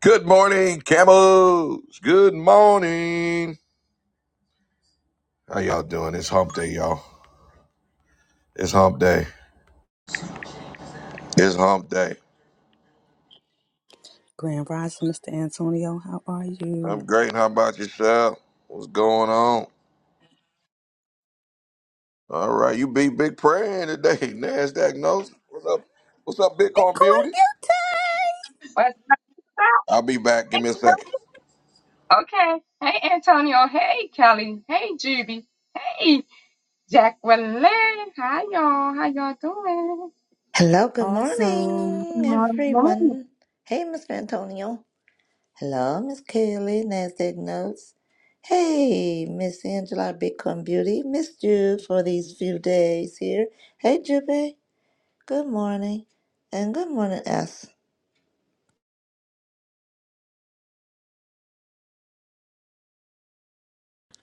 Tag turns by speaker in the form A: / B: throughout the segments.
A: Good morning, camels. Good morning. How y'all doing? It's hump day, y'all. It's hump day. It's hump day.
B: Grand Rising, Mr. Antonio, how are
A: I'm
B: you?
A: great. How about yourself? What's going on? All right, you beat big prayer in today. Nasdaq knows. What's up? What's up, Bitcoin
B: Bitcoin
A: Beauty?
B: YouTube.
C: What's up,
A: I'll be back. Give me a second.
C: Antonio? Okay. Hey, Antonio. Hey, Kelly. Hey, Juby. Hey, Jacqueline. Hi, y'all. How y'all doing?
D: Hello, good
B: Awesome.
C: Good
D: morning,
C: morning.
D: everyone. Hey, Mr. Antonio. Hello, Miss Kelly. NASDAQ Notes. Hey, Miss Angela, Bitcoin Beauty. Miss Jude for these few days here. Hey, Jube. Good morning. And good morning, S.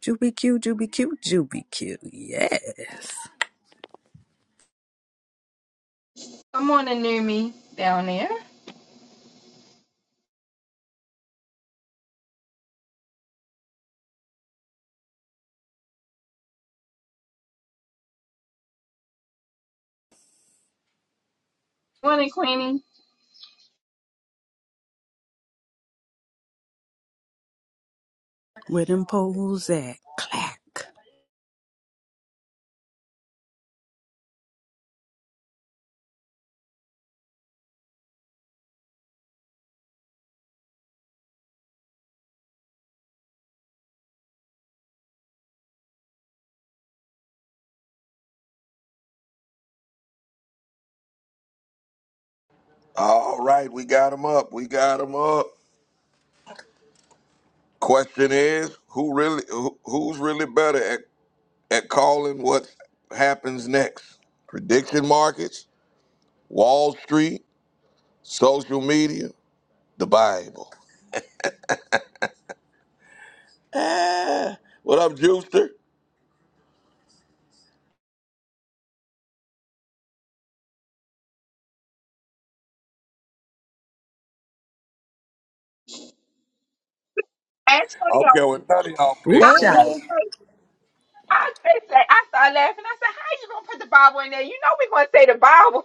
B: Juby Q, Juby Q, Juby Q. Yes.
C: Good morning, Numi, down there. Morning, Queenie.
B: Where them poles at? Clack.
A: All right, we got him up. We got him up. Question is, who really, who, who's really better at at calling what happens next? Prediction markets, Wall Street, social media, the Bible. Ah, what up, Juicer? I
C: Antonio,
A: don't care what none of y'all
C: I
A: pick.
C: couldn't
D: Hey.
C: say, I couldn't say, I started laughing. I said, how you going to put the Bible in there? You know we're going to say the Bible.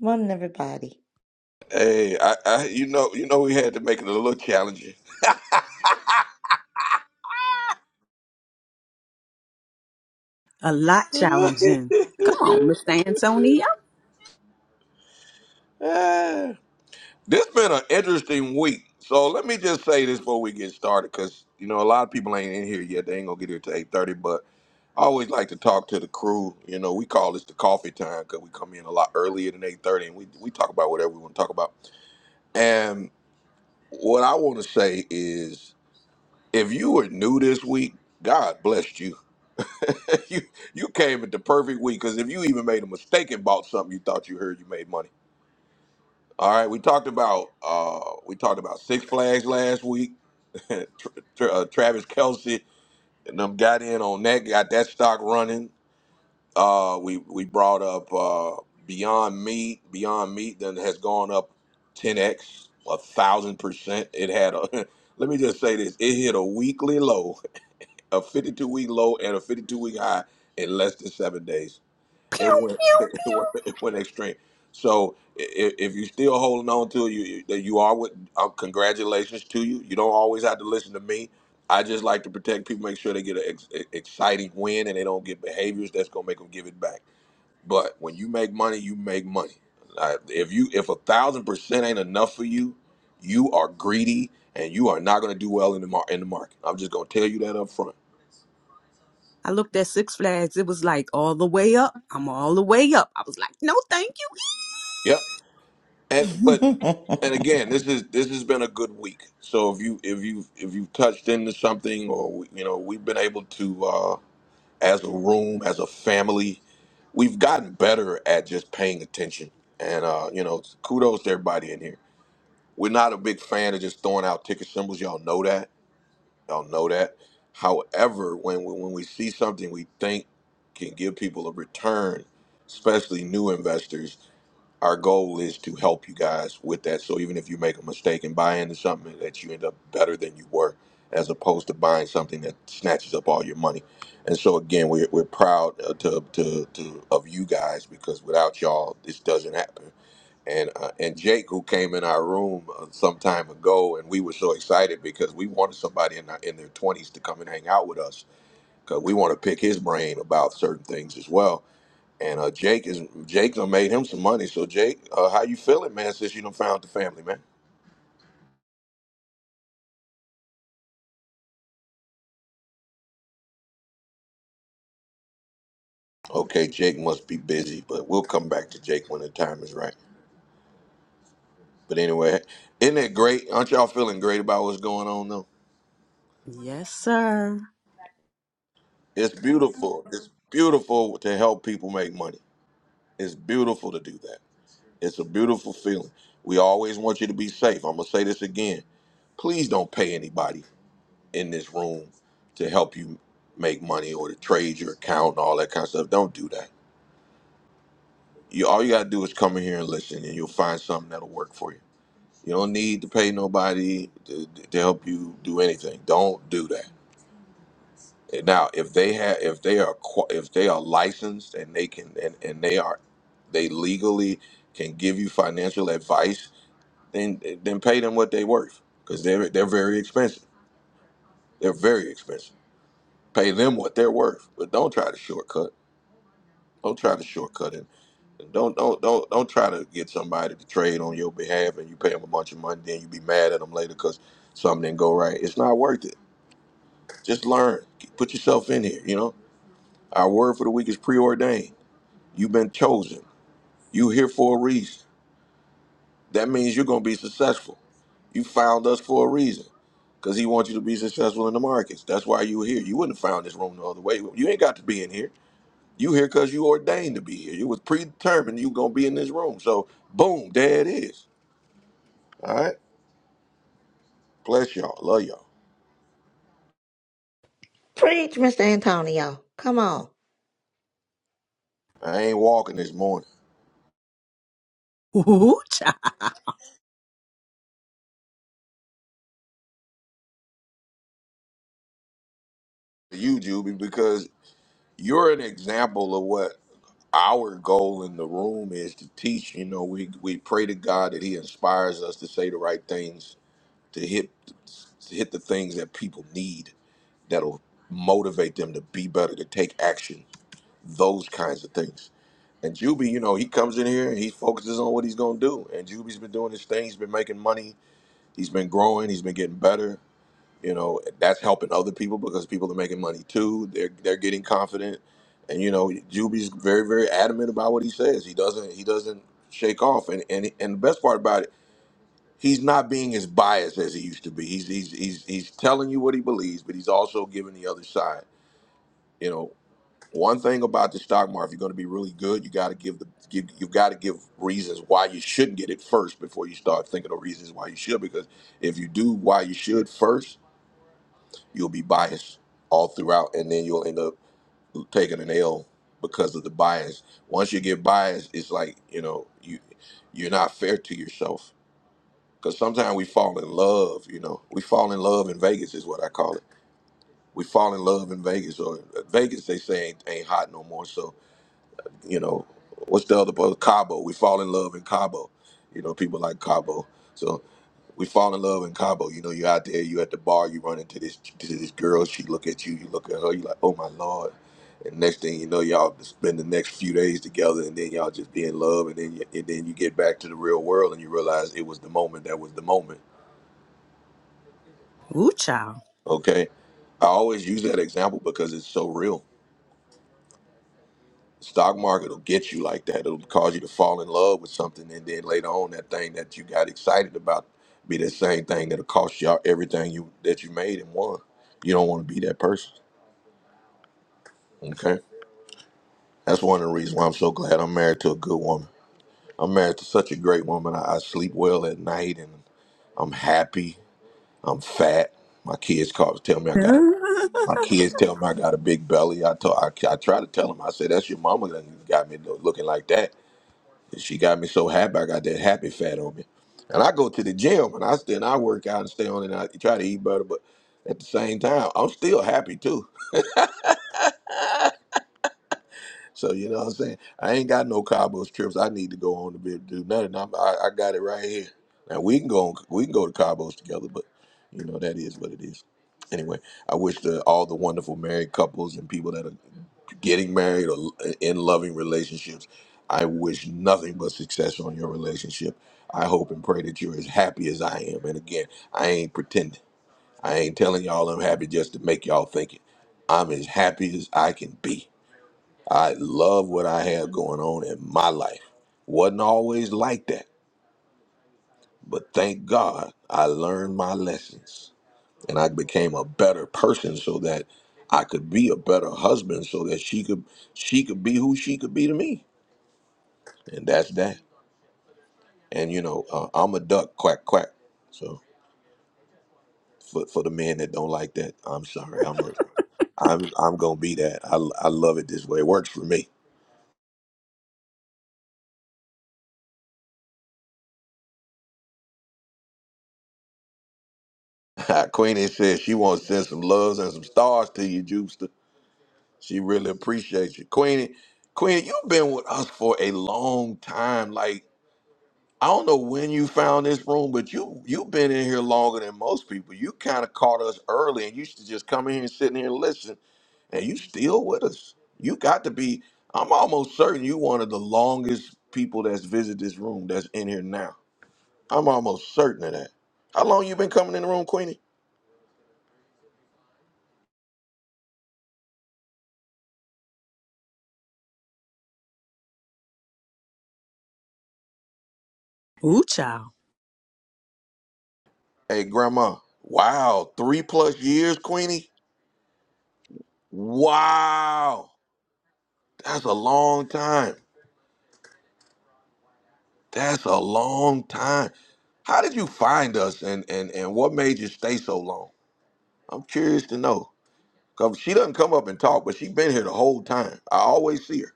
D: Morning, everybody.
A: Hey, I, I, you know, you know, we had to make it a little challenging.
B: A lot challenging. Come on, Mr. Antonio.
A: Ah. this been an interesting week. So let me just say this before we get started, because you know a lot of people ain't in here yet. They ain't gonna get here till eight thirty. But I always like to talk to the crew. You know, we call this the coffee time because we come in a lot earlier than eight thirty, and we we talk about whatever we want to talk about. And what I want to say is if you were new this week, God blessed you. you you came at the perfect week because if you even made a mistake and bought something you thought you heard, you made money. All right, we talked about uh, we talked about Six Flags last week. Tra- Tra- uh, Travis Kelsey and them got in on that, got that stock running. Uh, we we brought up uh, Beyond Meat. Beyond Meat then has gone up ten x, a thousand percent. It had a let me just say this: it hit a weekly low a 52 week low and a 52 week high in less than seven days. It
B: Pew,
A: went
B: pew,
A: it
B: pew.
A: went, it went extreme. So if, if you're still holding on to it, you you you are with uh, congratulations to you. You don't always have to listen to me. I just like to protect people, make sure they get an ex- e, exciting win and they don't get behaviors that's gonna make them give it back. But when you make money, you make money. Uh, if you if a thousand percent ain't enough for you, you are greedy and you are not gonna do well in the mar- in the market. I'm just gonna tell you that up front.
B: I looked at Six Flags. It was like all the way up. I'm all the way up. I was like, no, thank
A: Yep. And
D: Preach,
A: but and again, this is this has been a good week. So if you if you if you've touched into something, or you know, we've been able to uh, as a room, as a family, we've gotten better at just paying attention. And uh, you know, kudos to everybody in here. We're not a big fan of just throwing out ticker symbols. Y'all know that. Y'all know that. However, when we, when we see something we think can give people a return, especially new investors, our goal is to help you guys with that. So even if you make a mistake and buy into something that you end up better than you were, as opposed to buying something that snatches up all your money. And so again, we're, we're proud uh, to, to, to of you guys because without y'all, this doesn't happen. And uh, and Jake, who came in our room uh, some time ago, and we were so excited because we wanted somebody in, our, in their twenties to come and hang out with us because we want to pick his brain about certain things as well and uh, Jake is Jake done made him some money. So Jake, uh, how you feeling, man? Since you done found the family, man. Okay, Jake must be busy, but we'll come back to Jake when the time is right. But anyway, isn't it great? Aren't y'all feeling great about what's going on though?
B: you. Yes, sir.
A: It's beautiful. It's beautiful to help people make money. It's beautiful to do that. It's a beautiful feeling. We always want you to be safe. I'm gonna say this again. Please don't pay anybody in this room to help you make money or to trade your account and all that kind of stuff. Don't do that you all you gotta do is come in here and listen, and you'll find something that'll work for you. You don't need to pay nobody to, to help you do anything. Don't do that. And Now, if they have, if they are, qua- if they are licensed and they can, and, and they are, they legally can give you financial advice, then then pay them what they're worth, because they're they're very expensive. They're very expensive. Pay them what they're worth, but don't try to shortcut. Don't try to shortcut it. Don't don't don't don't try to get somebody to trade on your behalf and you pay them a bunch of money, then you be mad at them later because something didn't go right. It's not worth it. Just learn. Put yourself in here. You know, our word for the week is preordained. You've been chosen. You here for a reason. That means you're gonna be successful. You found us for a reason because he wants you to be successful in the markets. That's why you were here. You wouldn't have found this room no other way. You ain't got to be in here. You here because you ordained to be here. You was predetermined you gonna be in this room. So boom, there it is. All right. Bless y'all. Love y'all.
D: Mr. Antonio. Come on.
A: I ain't walking this morning.
B: Ooh, child.
A: You, Juby, because you're an example of what our goal in the room is to teach. You know, we we pray to God that He inspires us to say the right things, to hit to hit the things that people need that'll motivate them to be better, to take action, those kinds of things. And Juby, you know, he comes in here and he focuses on what he's gonna do. And Juby's been doing his thing. He's been making money. He's been growing. He's been getting better you know that's helping other people because people are making money too they're they're getting confident and you know Juby's very very adamant about what he says he doesn't he doesn't shake off and and and the best part about it he's not being as biased as he used to be he's he's he's he's telling you what he believes but he's also giving the other side you know one thing about the stock market if you're going to be really good you got to give the give, you've got to give reasons why you shouldn't get it first before you start thinking of reasons why you should because if you do why you should first you'll be biased all throughout, and then you'll end up taking an L because of the bias. Once you get biased, it's like you know you you're not fair to yourself because sometimes we fall in love. You know, we fall in love in Vegas is what I call it. We fall in love in Vegas, or Vegas they say ain't, ain't hot no more. So you know, what's the other part? Cabo? We fall in love in Cabo. You know, people like Cabo. So we fall in love in Cabo. You know, you're out there, you at the bar, you run into this to this girl, she look at you, you look at her, you like, oh my lord. And next thing you know, y'all spend the next few days together, and then y'all just be in love, and then you, and then you get back to the real world, and you realize it was the moment that was the moment.
B: Ooh, child.
A: Okay, I always use that example because it's so real stock market will get you like that. It'll cause you to fall in love with something, and then later on, that thing that you got excited about be the same thing that'll cost you out everything you that you made and won. You don't want to be that person. Okay, that's one of the reasons why I'm so glad I'm married to a good woman. I'm married to such a great woman. I, I sleep well at night, and I'm happy. I'm fat. My kids call tell me I got a- my kids tell me I got a big belly. I told I, I try to tell them I said that's your mama that got me lo- looking like that She got me so happy. I got that happy fat on me. And I go to the gym and I still and I work out and stay on it and I try to eat better, but at the same time, I'm still happy too. So you know what I'm saying? I ain't got no Cabo trips I need to go on to be able to do nothing. I'm, I, I got it right here. Now we can go on, we can go to Cabos together, but you know that is what it is. Anyway, I wish the, all the wonderful married couples and people that are getting married or in loving relationships. I wish nothing but success on your relationship. I hope and pray that you're as happy as I am. And again, I ain't pretending. I ain't telling y'all I'm happy just to make y'all think it. I'm as happy as I can be. I love what I have going on in my life. Wasn't always like that, but thank God I learned my lessons and I became a better person so that I could be a better husband so that she could she could be who she could be to me. and that's that. And you know, uh, I'm a duck, quack quack. So for for the men that don't like that, I'm sorry. I'm a I'm I'm gonna be that. I I love it this way. It works for me. Queenie says she wants to send some loves and some stars to you, Jupster. She really appreciates you, Queenie. Queenie, you've been with us for a long time. Like I don't know when you found this room, but you you've been in here longer than most people. You kind of caught us early, and you should just come in here and sit in here and listen and you still with us. You got to be. I'm almost certain you one of the longest people that's visited this room that's in here now. I'm almost certain of that. How long you been coming in the room, Queenie?
B: Ooh, child.
A: Hey, Grandma. Wow, three plus years, Queenie. Wow, that's a long time. That's a long time. How did you find us, and and and what made you stay so long? I'm curious to know. Cause she doesn't come up and talk, but she been here the whole time. I always see her.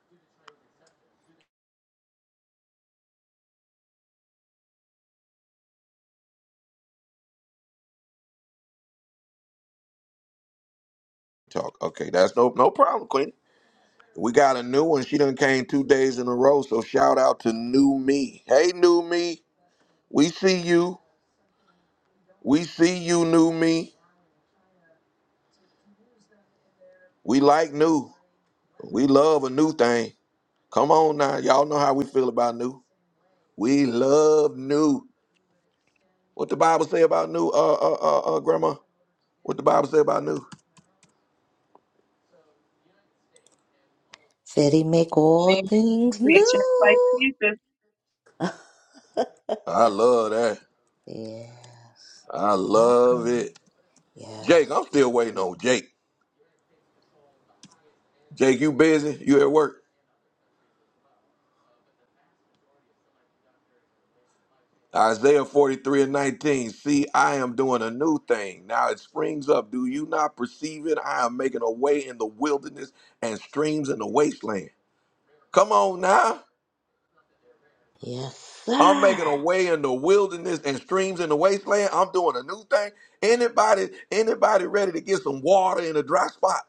A: Talk. Okay, that's no no problem, Queen. We got a new one. She done came two days in a row. So shout out to New Me. Hey, New Me. We see you. We see you, New Me. We like new. We love a new thing. Come on now, y'all know how we feel about new. We love new. What the Bible say about new? Uh, uh, uh, uh Grandma. What the Bible say about new?
D: Said he make all
C: Thank you,
D: things
C: creation, place,
D: new.
C: Jesus.
A: I love that.
D: yes.
A: I love
D: Welcome.
A: it.
D: Yes.
A: Jake, I'm still waiting on Jake. Jake, you busy? You at work? Isaiah 43 and 19. See, I am doing a new thing. Now it springs up. Do you not perceive it? I am making a way in the wilderness and streams in the wasteland. Come on now.
D: Yes,
A: I'm making
D: sir.
A: a way in the wilderness and streams in the wasteland. I'm doing a new thing. Anybody, anybody ready to get some water in a dry spot?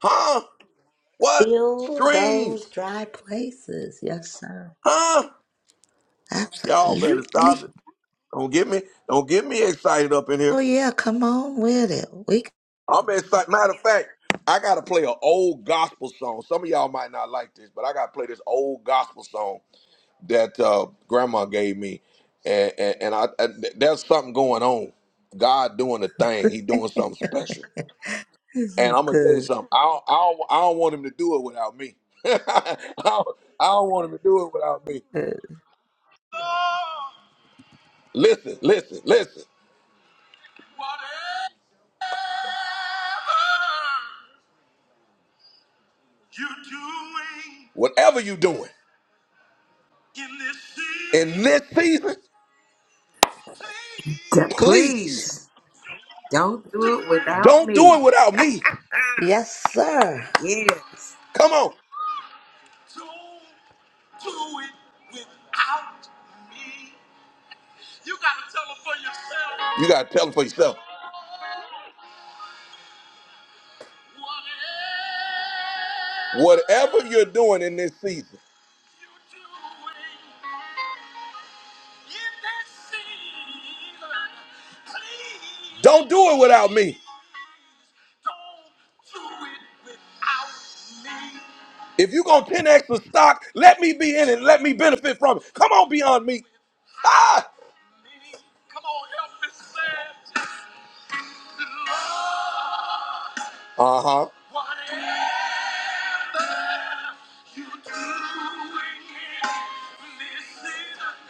A: Huh? What?
D: Fill
A: Streams?
D: those dry places. Yes, sir.
A: Huh? Y'all better stop
D: Absolutely.
A: it. Don't get me, don't get me excited up in here.
D: Oh, yeah. Come on with it. We.
A: I'm excited. Matter of fact, I gotta play an old gospel song. Some of y'all might not like this, but I gotta play this old gospel song that uh, Grandma gave me, and and, and I, I there's something going on. God doing a thing. He doing something special.
D: this
A: And
D: is
A: I'm gonna tell you
D: good.
A: something. I don't, I don't, I don't want him to do it without me. I, don't, I don't want him to do it without me.
D: Good.
A: Listen, listen, listen. Whatever you doing in this season,
E: Yeah,
A: please
E: please don't do it without
A: Don't do it
E: me.
A: without me.
D: Yes, sir.
E: Yes.
A: Come on. You got to tell them for yourself. Whatever you're doing in this season, don't do it without me. If you're going to 10x the stock, let me be in it. Let me benefit from it. Come on, beyond me. Ah! Uh huh.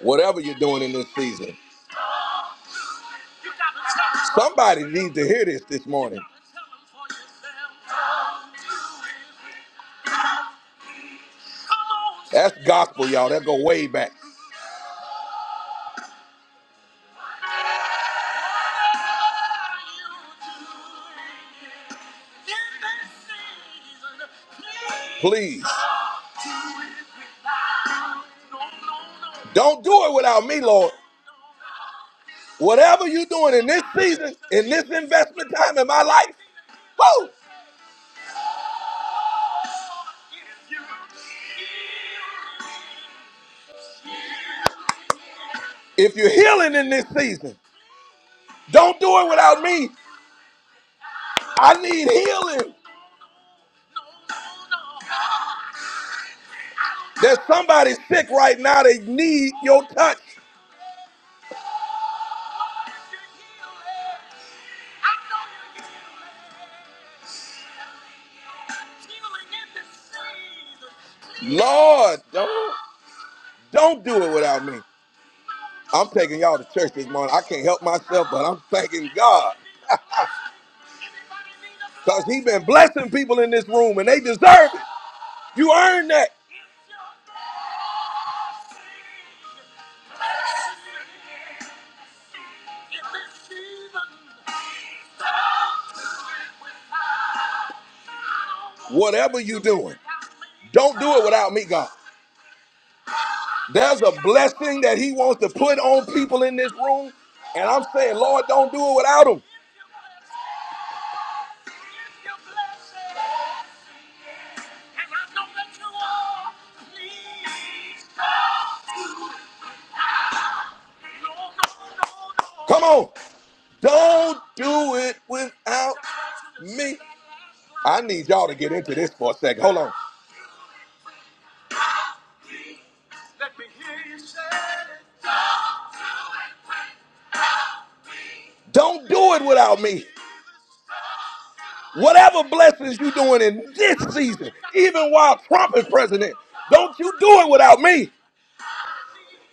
A: Whatever you're doing in this season. Somebody needs to hear this this morning. That's gospel, y'all. That go way back. Please don't do it without me, Lord. Whatever you're doing in this season, in this investment time in my life, woo, if you're healing in this season, don't do it without me. I need healing. There's somebody sick right now. They need your touch. Lord, don't. Don't do it without me. I'm taking y'all to church this morning. I can't help myself, but I'm thanking God because He been blessing people in this room and they deserve it. You earn that. Whatever you doing, don't do it without me, God. There's a blessing that He wants to put on people in this room. And I'm saying, Lord, don't do it without them. Come on. Don't do it without me. I need y'all to get into this for a second. Hold on. Don't do it without me. Whatever blessings you doing in this season, even while Trump is president, don't you do it without me,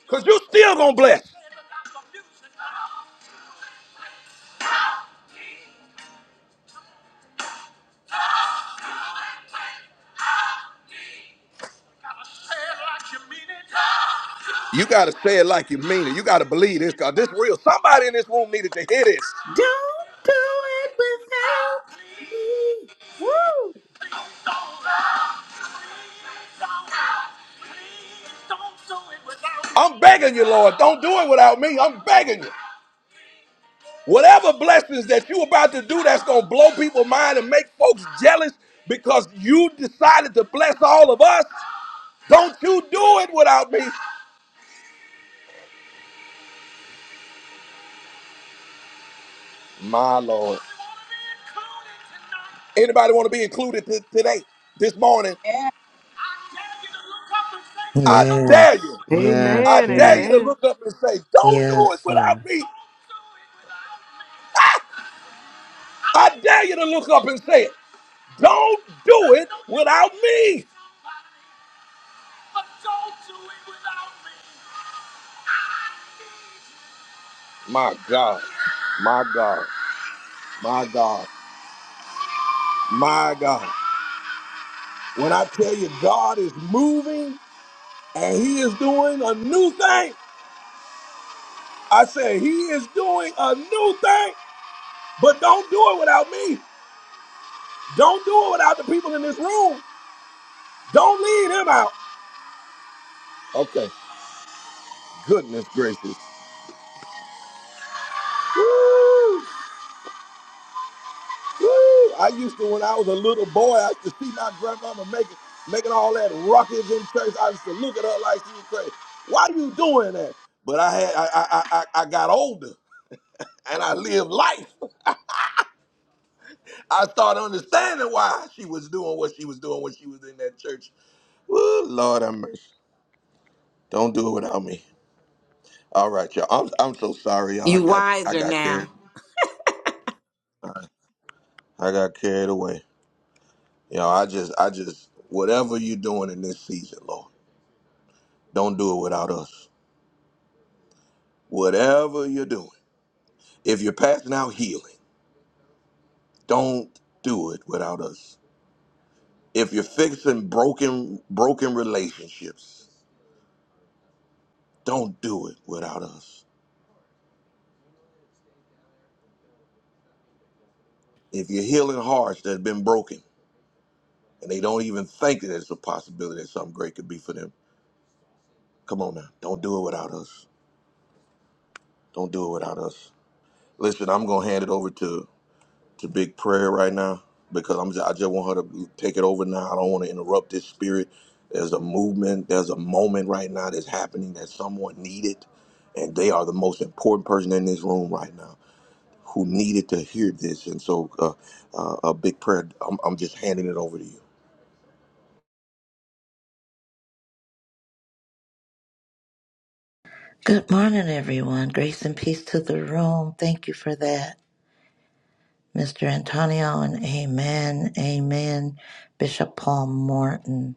A: because you still going to bless. You got to say it like you mean it. You got to believe this, because this real. Somebody in this room needed to hear this.
E: Don't do it without me. Woo!
A: I'm begging you, Lord, don't do it without me. I'm begging you. Whatever blessings that you about to do that's going to blow people's mind and make folks jealous because you decided to bless all of us, don't you do it without me. My Lord. Anybody want to be included t- today, this morning?
C: Yeah.
A: I dare you.
D: Yes,
A: I
D: yes,
F: Amen.
A: dare you to
D: yes,
F: Amen.
A: look up and say, don't do it
D: yes,
A: without
D: Lord.
A: me. Ah! I dare you to look up and say it. Don't do it without me. My God, my God, my God, my God. When I tell you God is moving and He is doing a new thing, I say He is doing a new thing, but don't do it without me. Don't do it without the people in this room. Don't leave them out. Okay. goodness gracious. Woo! Woo! I used to, when I was a little boy, I used to see my grandmama making making all that ruckus in church. I used to look at her like she was crazy. Why are you doing that? But I had I I I, I I got older and I lived life. I started understanding why she was doing what she was doing when she was in that church. Woo, Lord have mercy. Don't do it without me. All right, y'all. I'm I'm so sorry, y'all. I
E: You
A: got I
E: wiser
A: got carried
E: now.
A: I got carried away. You know, I just, I just, whatever you're doing in this season, Lord, don't do it without us. Whatever you're doing, if you're passing out healing, don't do it without us. If you're fixing broken, broken relationships, don't do it without us. If you're healing hearts that have been broken and they don't even think that it's a possibility that something great could be for them, come on now, don't do it without us. Don't do it without us. Listen, I'm gonna hand it over to to big prayer right now because I'm just, I just want her to take it over now. I don't want to interrupt this spirit. There's a movement, there's a moment right now that's happening that someone needed, and they are the most important person in this room right now who needed to hear this. And so, uh, uh, a big prayer. I'm, I'm just handing it over to you.
D: Good morning, everyone. Grace and peace to the room. Thank you for that, Mr. Antonio, and amen, amen, Bishop Paul Morton.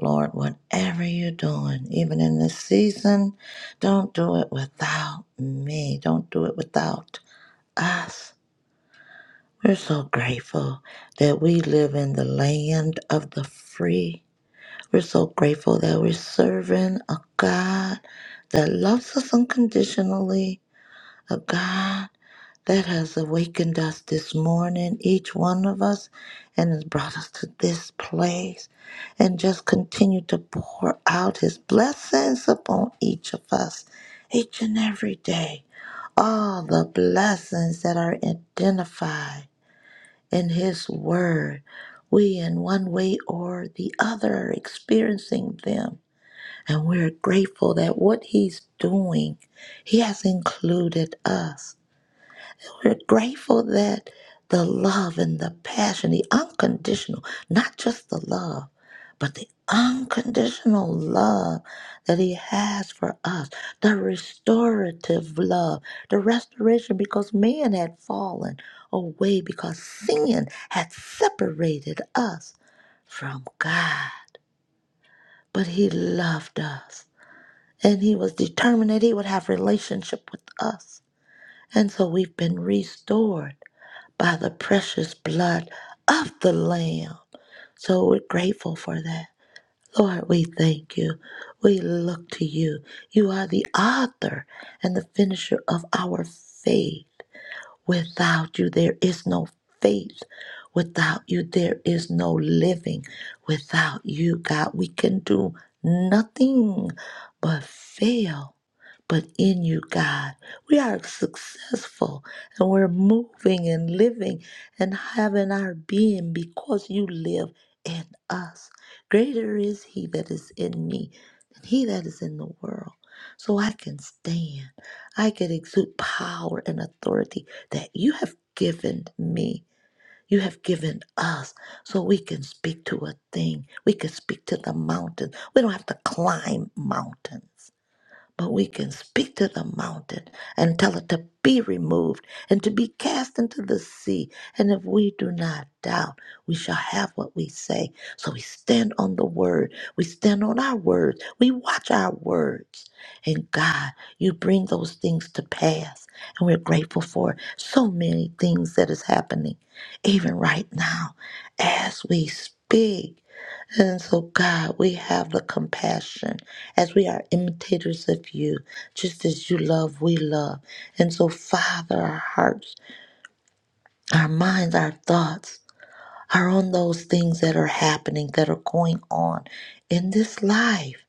D: Lord, whatever you're doing, even in this season, don't do it without me. Don't do it without us. We're so grateful that we live in the land of the free. We're so grateful that we're serving a God that loves us unconditionally, a God that has awakened us this morning, each one of us, and has brought us to this place. And just continue to pour out his blessings upon each of us, each and every day. All the blessings that are identified in his word. We, in one way or the other, are experiencing them. And we're grateful that what he's doing, he has included us. We're grateful that the love and the passion, the unconditional, not just the love, but the unconditional love that He has for us, the restorative love, the restoration because man had fallen away because sin had separated us from God. But He loved us and He was determined that He would have relationship with us. And so we've been restored by the precious blood of the Lamb. So we're grateful for that. Lord, we thank you. We look to you. You are the author and the finisher of our faith. Without you, there is no faith. Without you, there is no living. Without you, God, we can do nothing but fail. But in you, God, we are successful and we're moving and living and having our being because you live in us. Greater is He that is in me than He that is in the world. So I can stand. I can exude power and authority that you have given me, you have given us, so we can speak to a thing. We can speak to the mountain. We don't have to climb mountains but we can speak to the mountain and tell it to be removed and to be cast into the sea. And if we do not doubt, we shall have what we say. So we stand on the word. We stand on our words. We watch our words. And God, you bring those things to pass. And we're grateful for so many things that is happening, even right now, as we speak. And so, God, we have the compassion as we are imitators of you, just as you love, we love. And so, Father, our hearts, our minds, our thoughts are on those things that are happening, that are going on in this life.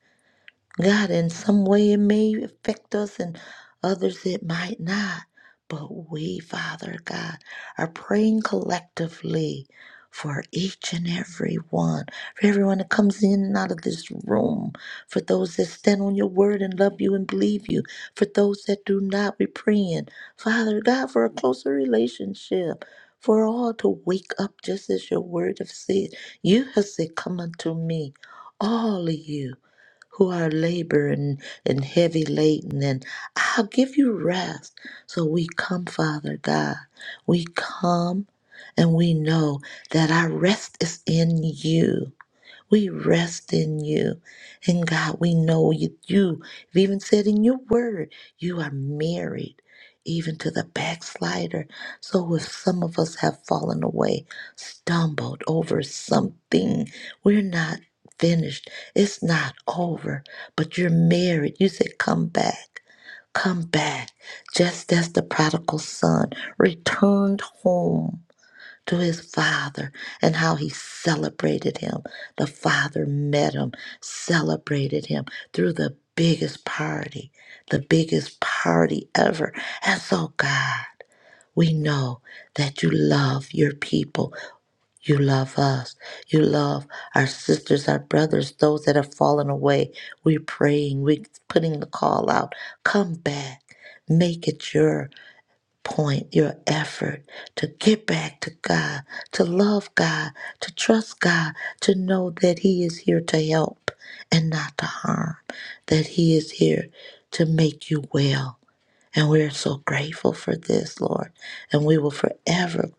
D: God, in some way it may affect us and others it might not. But we, Father God, are praying collectively for each and every one, for everyone that comes in and out of this room, for those that stand on your word and love you and believe you, for those that do not, we're praying, Father God, for a closer relationship, for all to wake up just as your word have said. You have said, Come unto me, all of you who are laboring and heavy laden, and I'll give you rest. So we come, Father God. We come and we know that our rest is in you. We rest in you. And God, we know you, you have even said in your word, you are married even to the backslider. So if some of us have fallen away, stumbled over something, we're not finished. It's not over, but you're married. You said, come back. Come back, just as the prodigal son returned home to his father and how he celebrated him. The father met him, celebrated him through the biggest party, the biggest party ever. And so, God, we know that you love your people. You love us. You love our sisters, our brothers, those that have fallen away. We're praying. We're putting the call out. Come back. Make it yours point, your effort to get back to God, to love God, to trust God, to know that He is here to help and not to harm, that He is here to make you well and we are so grateful for this, Lord. And we will forever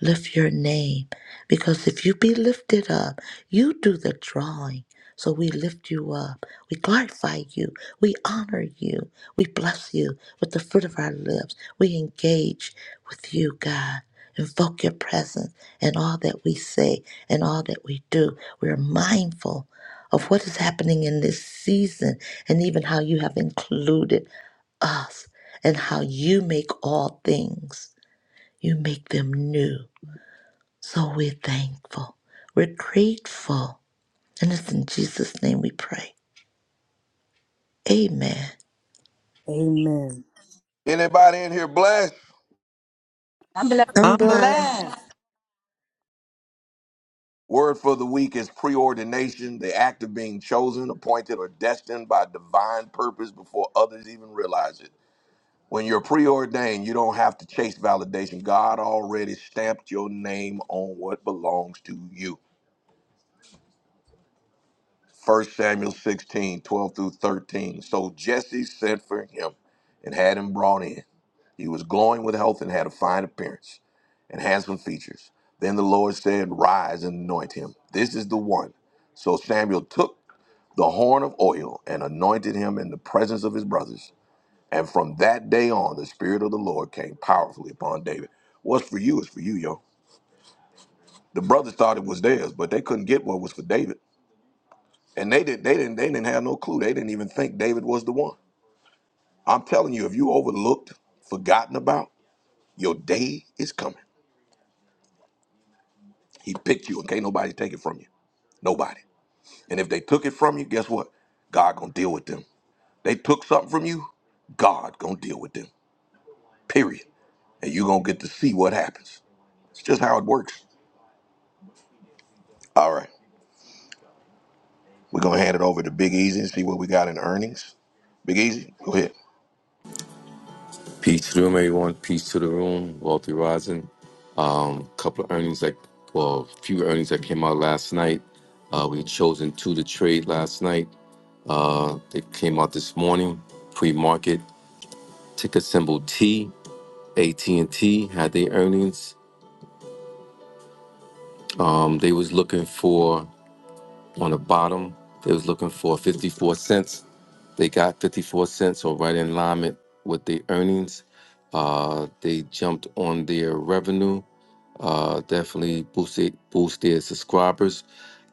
D: lift your name because if you be lifted up, you do the drawing. So we lift you up. We glorify you. We honor you. We bless you with the fruit of our lips. We engage with you, God. Invoke your presence in all that we say and all that we do. We are mindful of what is happening in this season and even how you have included us and how you make all things, you make them new. So we're thankful. We're grateful. And it's in Jesus' name we pray. Amen.
B: Amen.
A: Anybody in here blessed?
C: I'm
D: I'm blessed.
C: blessed.
A: Word for the week is preordination, the act of being chosen, appointed, or destined by divine purpose before others even realize it. When you're preordained, you don't have to chase validation. God already stamped your name on what belongs to you. First Samuel 16:12 through 13. So Jesse sent for him and had him brought in. He was glowing with health and had a fine appearance and handsome features. Then the Lord said, Rise and anoint him. This is the one. So Samuel took the horn of oil and anointed him in the presence of his brothers. And from that day on, the Spirit of the Lord came powerfully upon David. What's for you is for you, yo. The brothers thought it was theirs, but they couldn't get what was for David. And they didn't they didn't they didn't have no clue. They didn't even think David was the one. I'm telling you, if you overlooked, forgotten about, your day is coming. He picked you and can't nobody take it from you. Nobody. And if they took it from you, guess what? God gonna deal with them. They took something from you, God gonna deal with them. Period. And you gonna get to see what happens. It's just how it works. All right. We're gonna hand it over to Big Easy and see what we got in earnings. Big Easy, go ahead.
G: Peace to the room, everyone. Peace to the room. Wealthy Rising. Um, couple of earnings that, well, a few earnings that came out last night. Uh, we chosen two to trade last night. Uh, they came out this morning, pre-market. Ticker symbol T. AT&T had their earnings. Um, they was looking for on the bottom. They was looking for 54 cents. They got 54 cents, or right in alignment with the earnings. Uh, they jumped on their revenue. uh, definitely boosted boosted subscribers.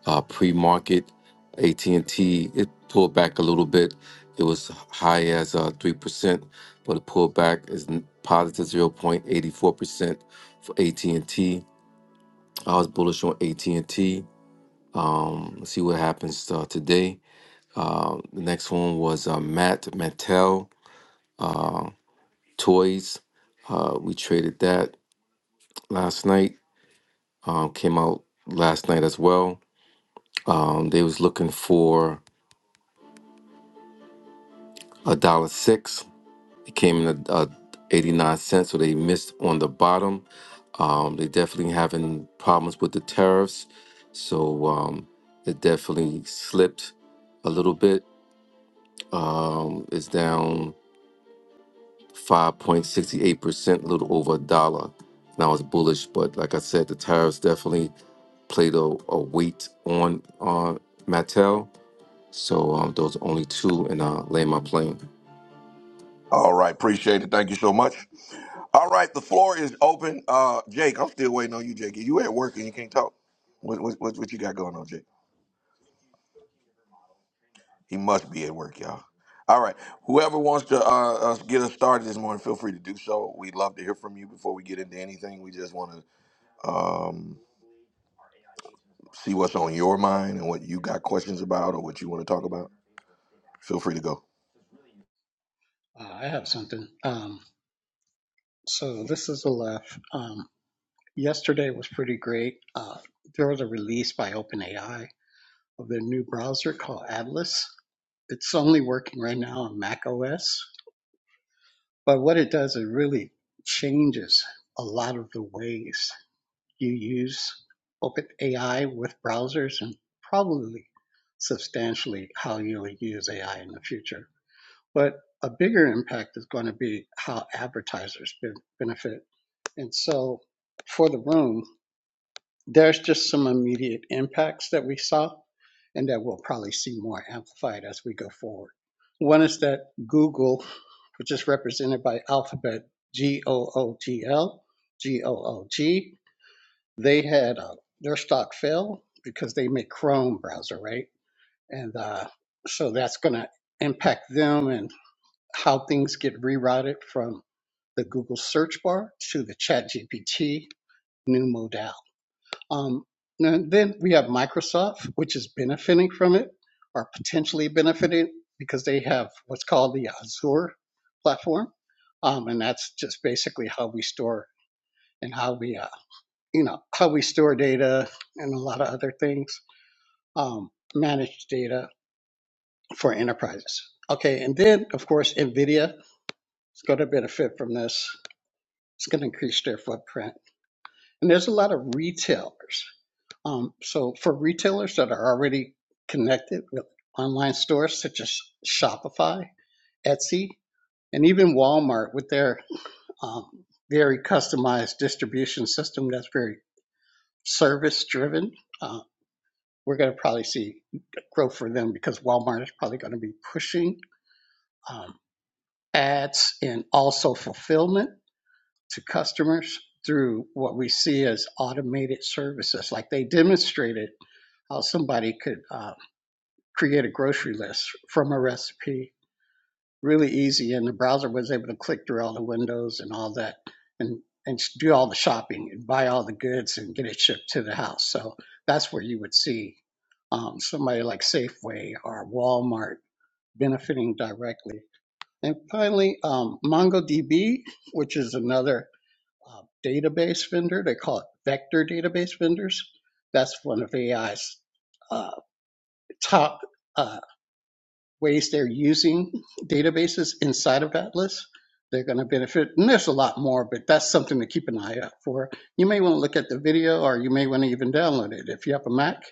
G: Uh, Pre market, AT and T it pulled back a little bit. It was high as uh, three percent, but it pulled back is n- positive zero point eighty four percent for AT and T. I was bullish on AT and T. Um, let's see what happens uh, today. Uh, the next one was uh, Matt Mattel uh, Toys. Uh, we traded that last night. Um, came out last night as well. Um, they was looking for a dollar six. It came in a, a eighty nine cents, so they missed on the bottom. Um, they definitely having problems with the tariffs, so um, it definitely slipped a little bit. Um, it's down five point sixty eight percent, a little over a dollar. And I was bullish, but like I said, the tariffs definitely played a, a weight on uh, Mattel. So um, those are only two, and I lay my plane.
A: All right, appreciate it. Thank you so much. All right, the floor is open. Uh, Jake, I'm still waiting on you, Jake. You at work and you can't talk. What what what, what you got going on, Jake? He must be at work, y'all. All right. Whoever wants to uh, uh, get us started this morning, feel free to do so. We'd love to hear from you before we get into anything. We just want to um, see what's on your mind and what you got questions about or what you want to talk about. Feel free to go.
H: Uh, I have something. Um, so this is Aleph. Um, yesterday was pretty great. Uh, there was a release by OpenAI of their new browser called Atlas. It's only working right now on Mac OS, but what it does, it really changes a lot of the ways you use OpenAI with browsers and probably substantially how you'll use AI in the future. But a bigger impact is going to be how advertisers ben- benefit And so for the room, there's just some immediate impacts that we saw and that we'll probably see more amplified as we go forward. One is that Google, which is represented by Alphabet, G O O G L, G O O G, they had uh, their stock fell because they make Chrome browser, right? And uh, so that's going to impact them and how things get rerouted from the Google search bar to the Chat GPT new modality. Um, and then we have Microsoft, which is benefiting from it or potentially benefiting because they have what's called the Azure platform. Um, and that's just basically how we store and how we, uh, you know, how we store data and a lot of other things, um, manage data for enterprises. Okay. And then, of course, NVIDIA is going to benefit from this. It's going to increase their footprint. And there's a lot of retailers Um, so for retailers that are already connected with online stores such as Shopify, Etsy, and even Walmart with their um, very customized distribution system that's very service driven, uh, we're going to probably see growth for them because Walmart is probably going to be pushing um, ads and also fulfillment to customers through what we see as automated services. Like they demonstrated how somebody could. Uh, create a grocery list from a recipe. Really easy, and the browser was able to click through all the windows and all that, and and do all the shopping and buy all the goods and get it shipped to the house. So that's where you would see um, somebody like Safeway or Walmart benefiting directly. And finally, um, MongoDB, which is another uh, database vendor, they call it vector database vendors. That's one of AI's uh, top. uh, ways they're using databases inside of Atlas. They're going to benefit, and there's a lot more, but that's something to keep an eye out for. You may want to look at the video, or you may want to even download it. If you have a Mac,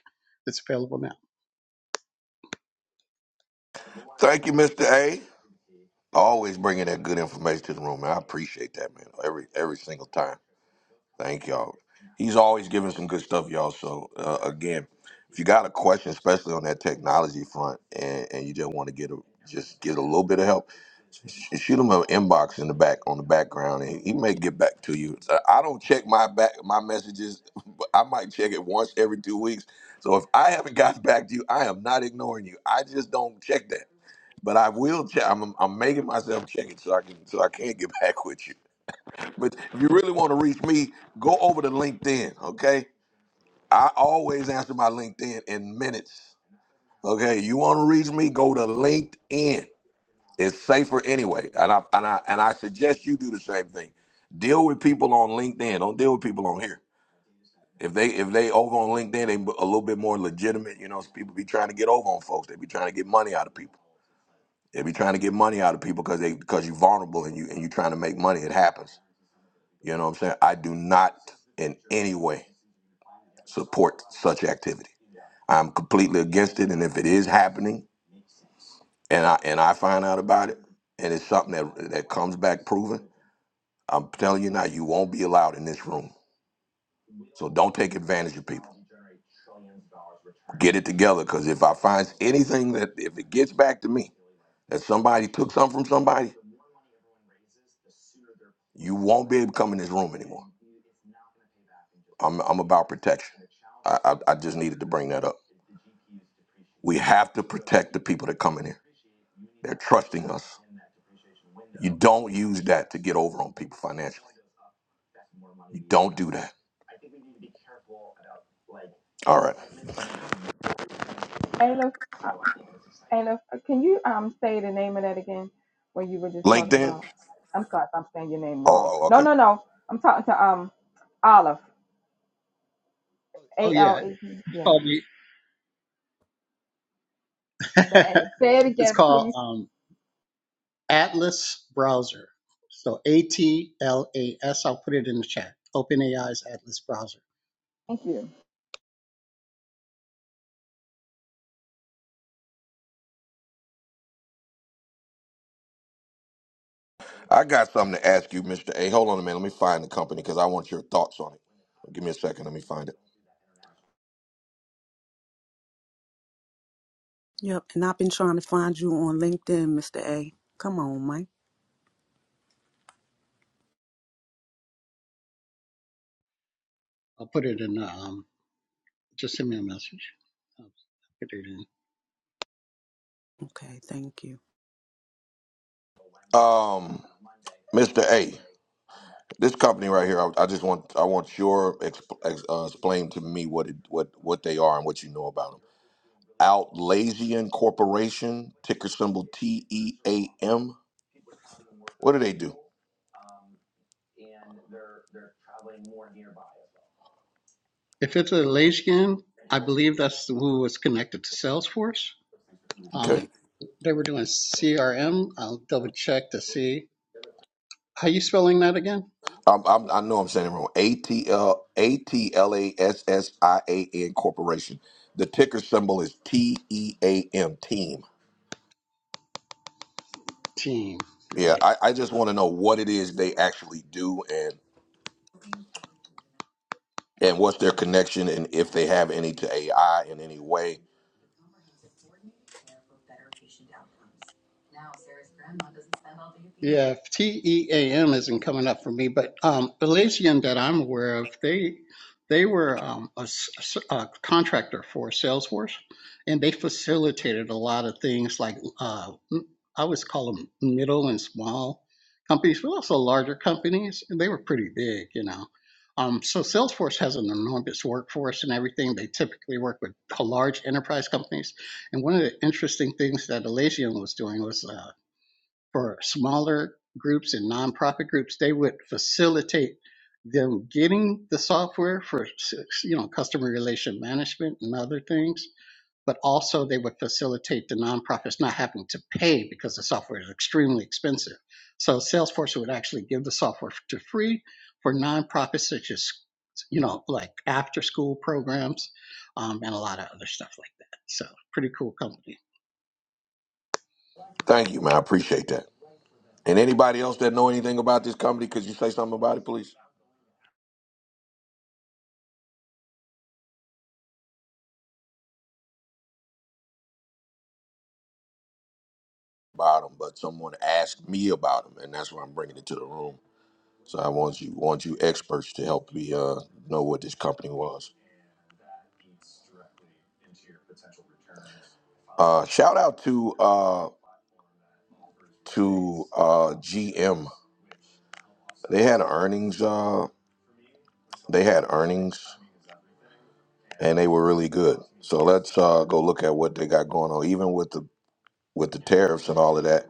H: it's available now.
A: Thank you, Mr. A. Always bringing that good information to the room, man. I appreciate that, man. Every every single time. Thank y'all. He's always giving some good stuff, y'all. So uh, again, if you got a question, especially on that technology front, and, and you just want to get a just get a little bit of help, sh- shoot him an inbox in the back on the background, and he may get back to you. So I don't check my back my messages, but I might check it once every two weeks. So if I haven't gotten back to you, I am not ignoring you. I just don't check that. But I will check. I'm, I'm making myself check it so I can so I can get back with you. But if you really want to reach me, go over to LinkedIn. Okay, I always answer my LinkedIn in minutes. Okay, you want to reach me, go to LinkedIn. It's safer anyway, and I and I and I suggest you do the same thing. Deal with people on LinkedIn. Don't deal with people on here. If they if they over on LinkedIn, they a little bit more legitimate. You know, people be trying to get over on folks. They be trying to get money out of people. They be trying to get money out of people because they because you're vulnerable and you and you're trying to make money. It happens. You know what I'm saying? I do not in any way support such activity. I'm completely against it. And if it is happening, and I and I find out about it, and it's something that that comes back proven, I'm telling you now, you won't be allowed in this room. So don't take advantage of people. Get it together, because if I find anything that if it gets back to me that somebody took something from somebody, you won't be able to come in this room anymore. I'm I'm about protection. I, I I just needed to bring that up. We have to protect the people that come in here. They're trusting us. You don't use that to get over on people financially. You don't do that. All right.
C: Hey, look. And if, uh, can you um say the name of that again? What you were just talking
A: LinkedIn.
C: about? I'm sorry if I'm saying your name
A: Oh,
C: wrong.
A: oh,
C: No,
A: okay.
C: no, no. I'm talking to um Olive.
H: Oh
C: A
H: yeah,
C: L E P.
H: it's
C: Yeah,
H: called
C: the
H: the,
C: A. Say it
H: it's
C: again,
H: called
C: please.
H: um, Atlas browser. So A T L A S. I'll put it in the chat. OpenAI's Atlas browser.
C: Thank you.
A: I got something to ask you, Mr. A. Hold on a minute. Let me find the company because I want your thoughts on it. Give me a second. Let me find it.
B: Yep, and I've been trying to find you on LinkedIn, Mr. A. Come on, Mike.
H: I'll put it in. Um, just send me a message. I'll put it in.
B: Okay, thank you.
A: Um, Mr. A. This company right here. I, I just want I want your exp, ex, uh, explain to me what it what what they are and what you know about 'em. Outlasian Corporation, ticker symbol T E A M. What do they do?
H: If it's a Layskin, I believe that's who was connected to Salesforce.
A: Okay.
H: Um, they were doing CRM. I'll double check to see. How are you spelling that again?
A: Um, I'm, I know I'm saying it wrong. A T L A T L A S S I A N Corporation. The ticker symbol is T E A M, team.
H: Team.
A: Yeah,
H: Right.
A: I, I just want to know what it is they actually do and, and what's their connection and if they have any to AI in any way.
H: Yeah, TEAM isn't coming up for me, but um, Elysian that I'm aware of, they they were um, a, s- s- a contractor for Salesforce, and they facilitated a lot of things like uh, m- I always call them middle and small companies, but also larger companies, and they were pretty big, you know. Um, so Salesforce has an enormous workforce and everything. They typically work with uh, large enterprise companies, and one of the interesting things that Elysian was doing was. uh, for smaller groups and nonprofit groups, they would facilitate them getting the software for you know customer relation management and other things, but also they would facilitate the nonprofits not having to pay because the software is extremely expensive. So Salesforce would actually give the software to free for nonprofits such as you know like after school programs um, and a lot of other stuff like that. So pretty cool company.
A: Thank you, man. I appreciate that. And anybody else that know anything about this company, could you say something about it, please? about them, but someone asked me about them, and that's why I'm bringing it to the room. So I want you want you experts to help me uh, know what this company was. Uh, shout out to uh, to uh, GM. They had earnings. Uh, they had earnings, and they were really good. So let's uh, go look at what they got going on, even with the with the tariffs and all of that.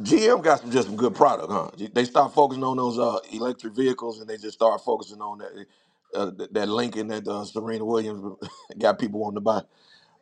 A: GM got some just some good product, huh? They start focusing on those uh, electric vehicles, and they just start focusing on that uh, that Lincoln that uh, Serena Williams got people wanting to buy.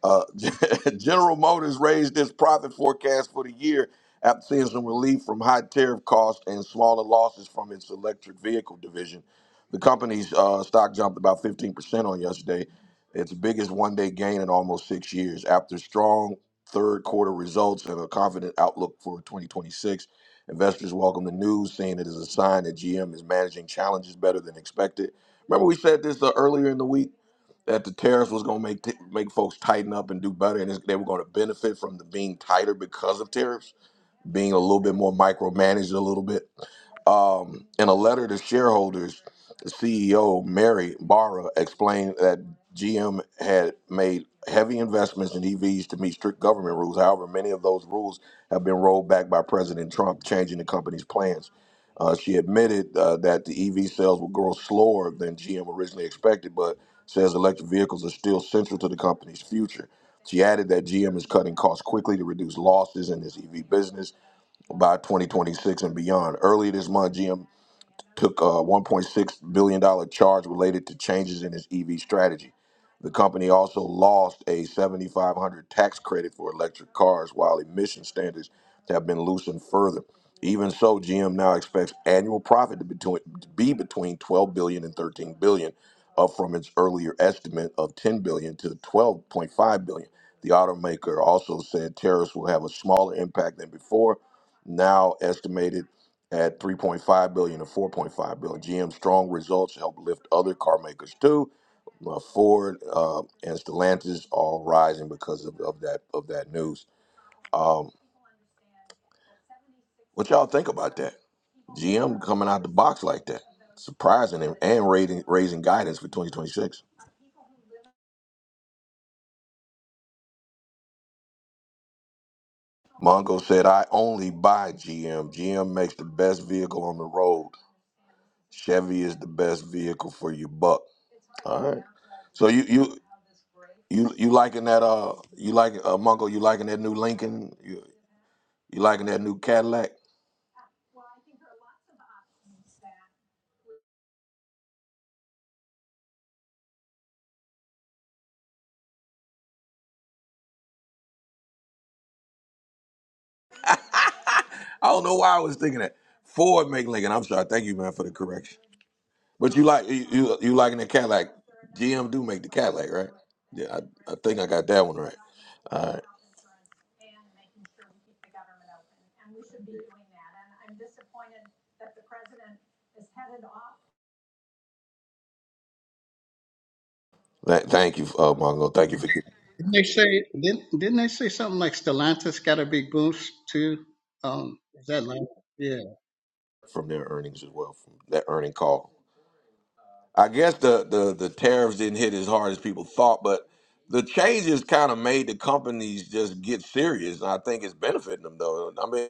A: Uh, General Motors raised its profit forecast for the year after seeing some relief from high tariff costs and smaller losses from its electric vehicle division. The company's uh, stock jumped about 15% on yesterday, its biggest one day gain in almost six years. After strong third quarter results and a confident outlook for 2026, investors welcome the news, seeing it as a sign that GM is managing challenges better than expected. Remember, we said this uh, earlier in the week that the tariffs was going to make t- make folks tighten up and do better, and they were going to benefit from the being tighter because of tariffs, being a little bit more micromanaged a little bit. Um, in a letter to shareholders, the CEO Mary Barra explained that GM had made heavy investments in EVs to meet strict government rules. However, many of those rules have been rolled back by President Trump, changing the company's plans. Uh, she admitted uh, that the EV sales will grow slower than GM originally expected, but says electric vehicles are still central to the company's future. She added that GM is cutting costs quickly to reduce losses in its EV business by 2026 and beyond. Earlier this month, GM took a $1.6 billion dollars charge related to changes in its EV strategy. The company also lost a 7500 tax credit for electric cars while emission standards have been loosened further. Even so, GM now expects annual profit to, between, to be between 12 billion and 13 billion, up from its earlier estimate of 10 billion to 12.5 billion. The automaker also said tariffs will have a smaller impact than before, now estimated at 3.5 billion or 4.5 billion. GM's strong results help lift other car makers too. Uh, Ford uh, and Stellantis all rising because of, of that of that news. Um, what y'all think about that? GM coming out the box like that, surprising him and raising raising guidance for 2026. Mongo said, "I only buy GM. GM makes the best vehicle on the road. Chevy is the best vehicle for your buck." All right. So you you You you liking that uh you like uh Monko, you liking that new Lincoln? You, you liking that new Cadillac? I don't know why I was thinking that. Ford make Lincoln. I'm sorry. Thank you, man, for the correction. But you like you you, you liking the Cadillac. GM do make the Cadillac, right? Yeah, I, I think I got that one right. All right. Th- thank you, uh, Mongo. Thank you for getting
H: Didn't they say didn't, didn't they say something like Stellantis got a big boost too? Um, is that like yeah?
A: from their earnings as well, from that earning call. I guess the, the, the tariffs didn't hit as hard as people thought, but the changes kind of made the companies just get serious. And I think it's benefiting them, though. I mean,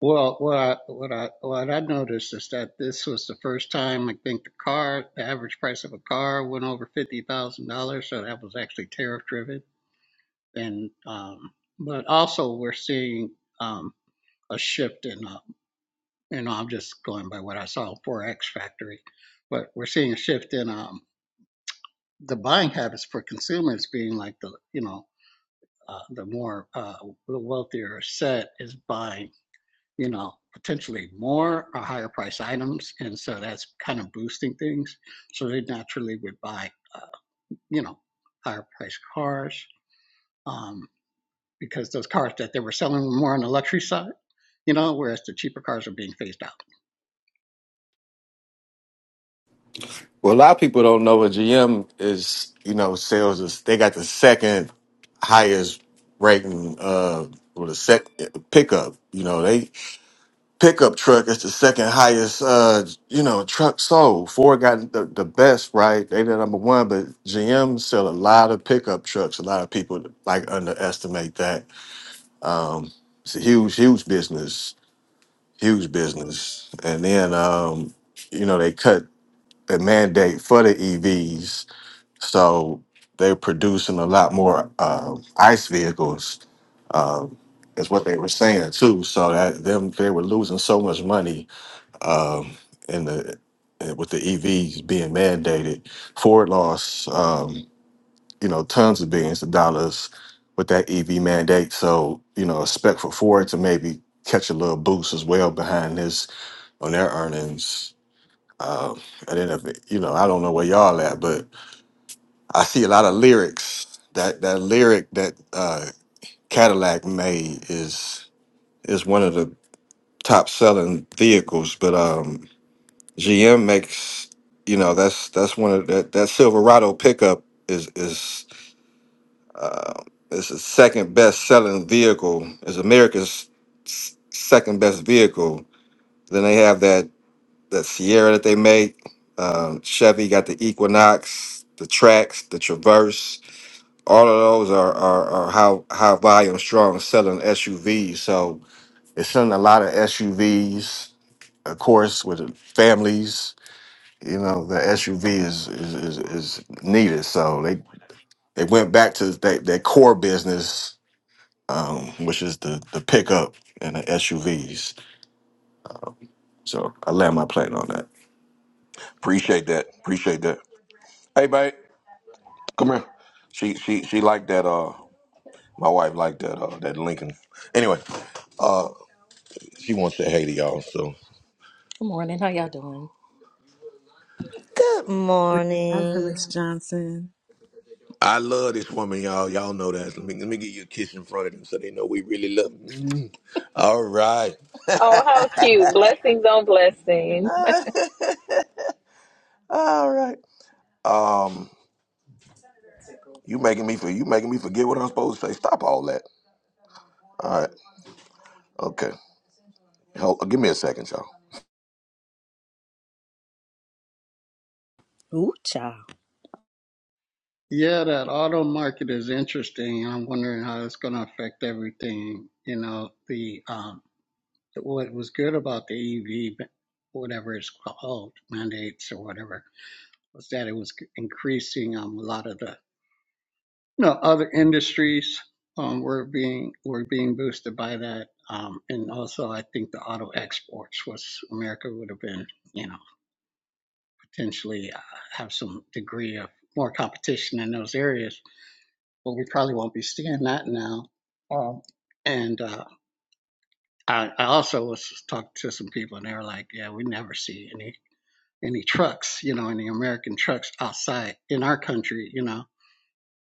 H: Well, what I what I what I noticed is that this was the first time I think the car the average price of a car went over fifty thousand dollars, so that was actually tariff driven. And um, but also we're seeing um, a shift in uh, you know I'm just going by what I saw for X Factory, but we're seeing a shift in um, the buying habits for consumers being like the you know uh, the more uh, the wealthier set is buying, you know, potentially more or higher price items, and so that's kind of boosting things. So they naturally would buy, uh, you know, higher price cars um, because those cars that they were selling were more on the luxury side, you know, whereas the cheaper cars are being phased out.
I: Well, a lot of people don't know, but GM is, you know, sales is they got the second highest rating uh or the sec pickup. You know, they pickup truck is the second highest uh, you know, truck sold. Ford got the, the best, right? They the number one, but GM sell a lot of pickup trucks. A lot of people like underestimate that. Um it's a huge, huge business. Huge business. And then um, you know, they cut the mandate for the EVs so they're producing a lot more uh, ICE vehicles, uh, is what they were saying too. So that them they were losing so much money um, in the in- with the EVs being mandated. Ford lost um, you know tons of billions of dollars with that EV mandate. So you know expect for Ford to maybe catch a little boost as well behind this on their earnings. Uh, and then if you know I don't know where y'all at, but I see a lot of lyrics. That that lyric that uh, Cadillac made is is one of the top selling vehicles. But um, GM makes you know that's that's one of that that Silverado pickup is is uh, is the second best selling vehicle. Is America's s- second best vehicle. Then they have that that Sierra that they make. Um, Chevy got the Equinox, the Trax, the Traverse all of those are are, are high high volume strong selling SUVs. So it's selling a lot of SUVs, of course, with the families. You know, the SUV is is is, is needed. So they they went back to that that core business, um, which is the the pickup and the SUVs. So I land my plane on that.
A: appreciate that. Appreciate that. Hey, babe, come here. She she she liked that. Uh, my wife liked that. Uh, that Lincoln. Anyway, uh, she wants to say hey to y'all. So Good morning. How y'all doing?
D: Good
B: Rising,
D: morning.
B: Miss Johnson.
A: I love this woman, y'all. Y'all know that. Let me let me give you a kiss in front of them so they know we really love. Them. Mm. All right.
J: Oh, how cute. Blessings on blessings.
A: All right. Um, you making me for you making me forget what I'm supposed to say. Stop all that. All right. Okay. Hold, give me a second, y'all.
B: Ooh, child.
H: Yeah, that auto market is interesting. I'm wondering how it's going to affect everything. You know, the um, what was good about the EV, ba- whatever it's called, mandates or whatever, was that it was c- increasing um, a lot of the you know other industries um, were being were being boosted by that. Um, and also, I think the auto exports was America would have been, you know, potentially uh, have some degree of more competition in those areas but we probably won't be seeing that now. Um, and uh, I, I also was talking to some people, and they were like, "Yeah, we never see any any trucks, you know, any American trucks outside in our country, you know,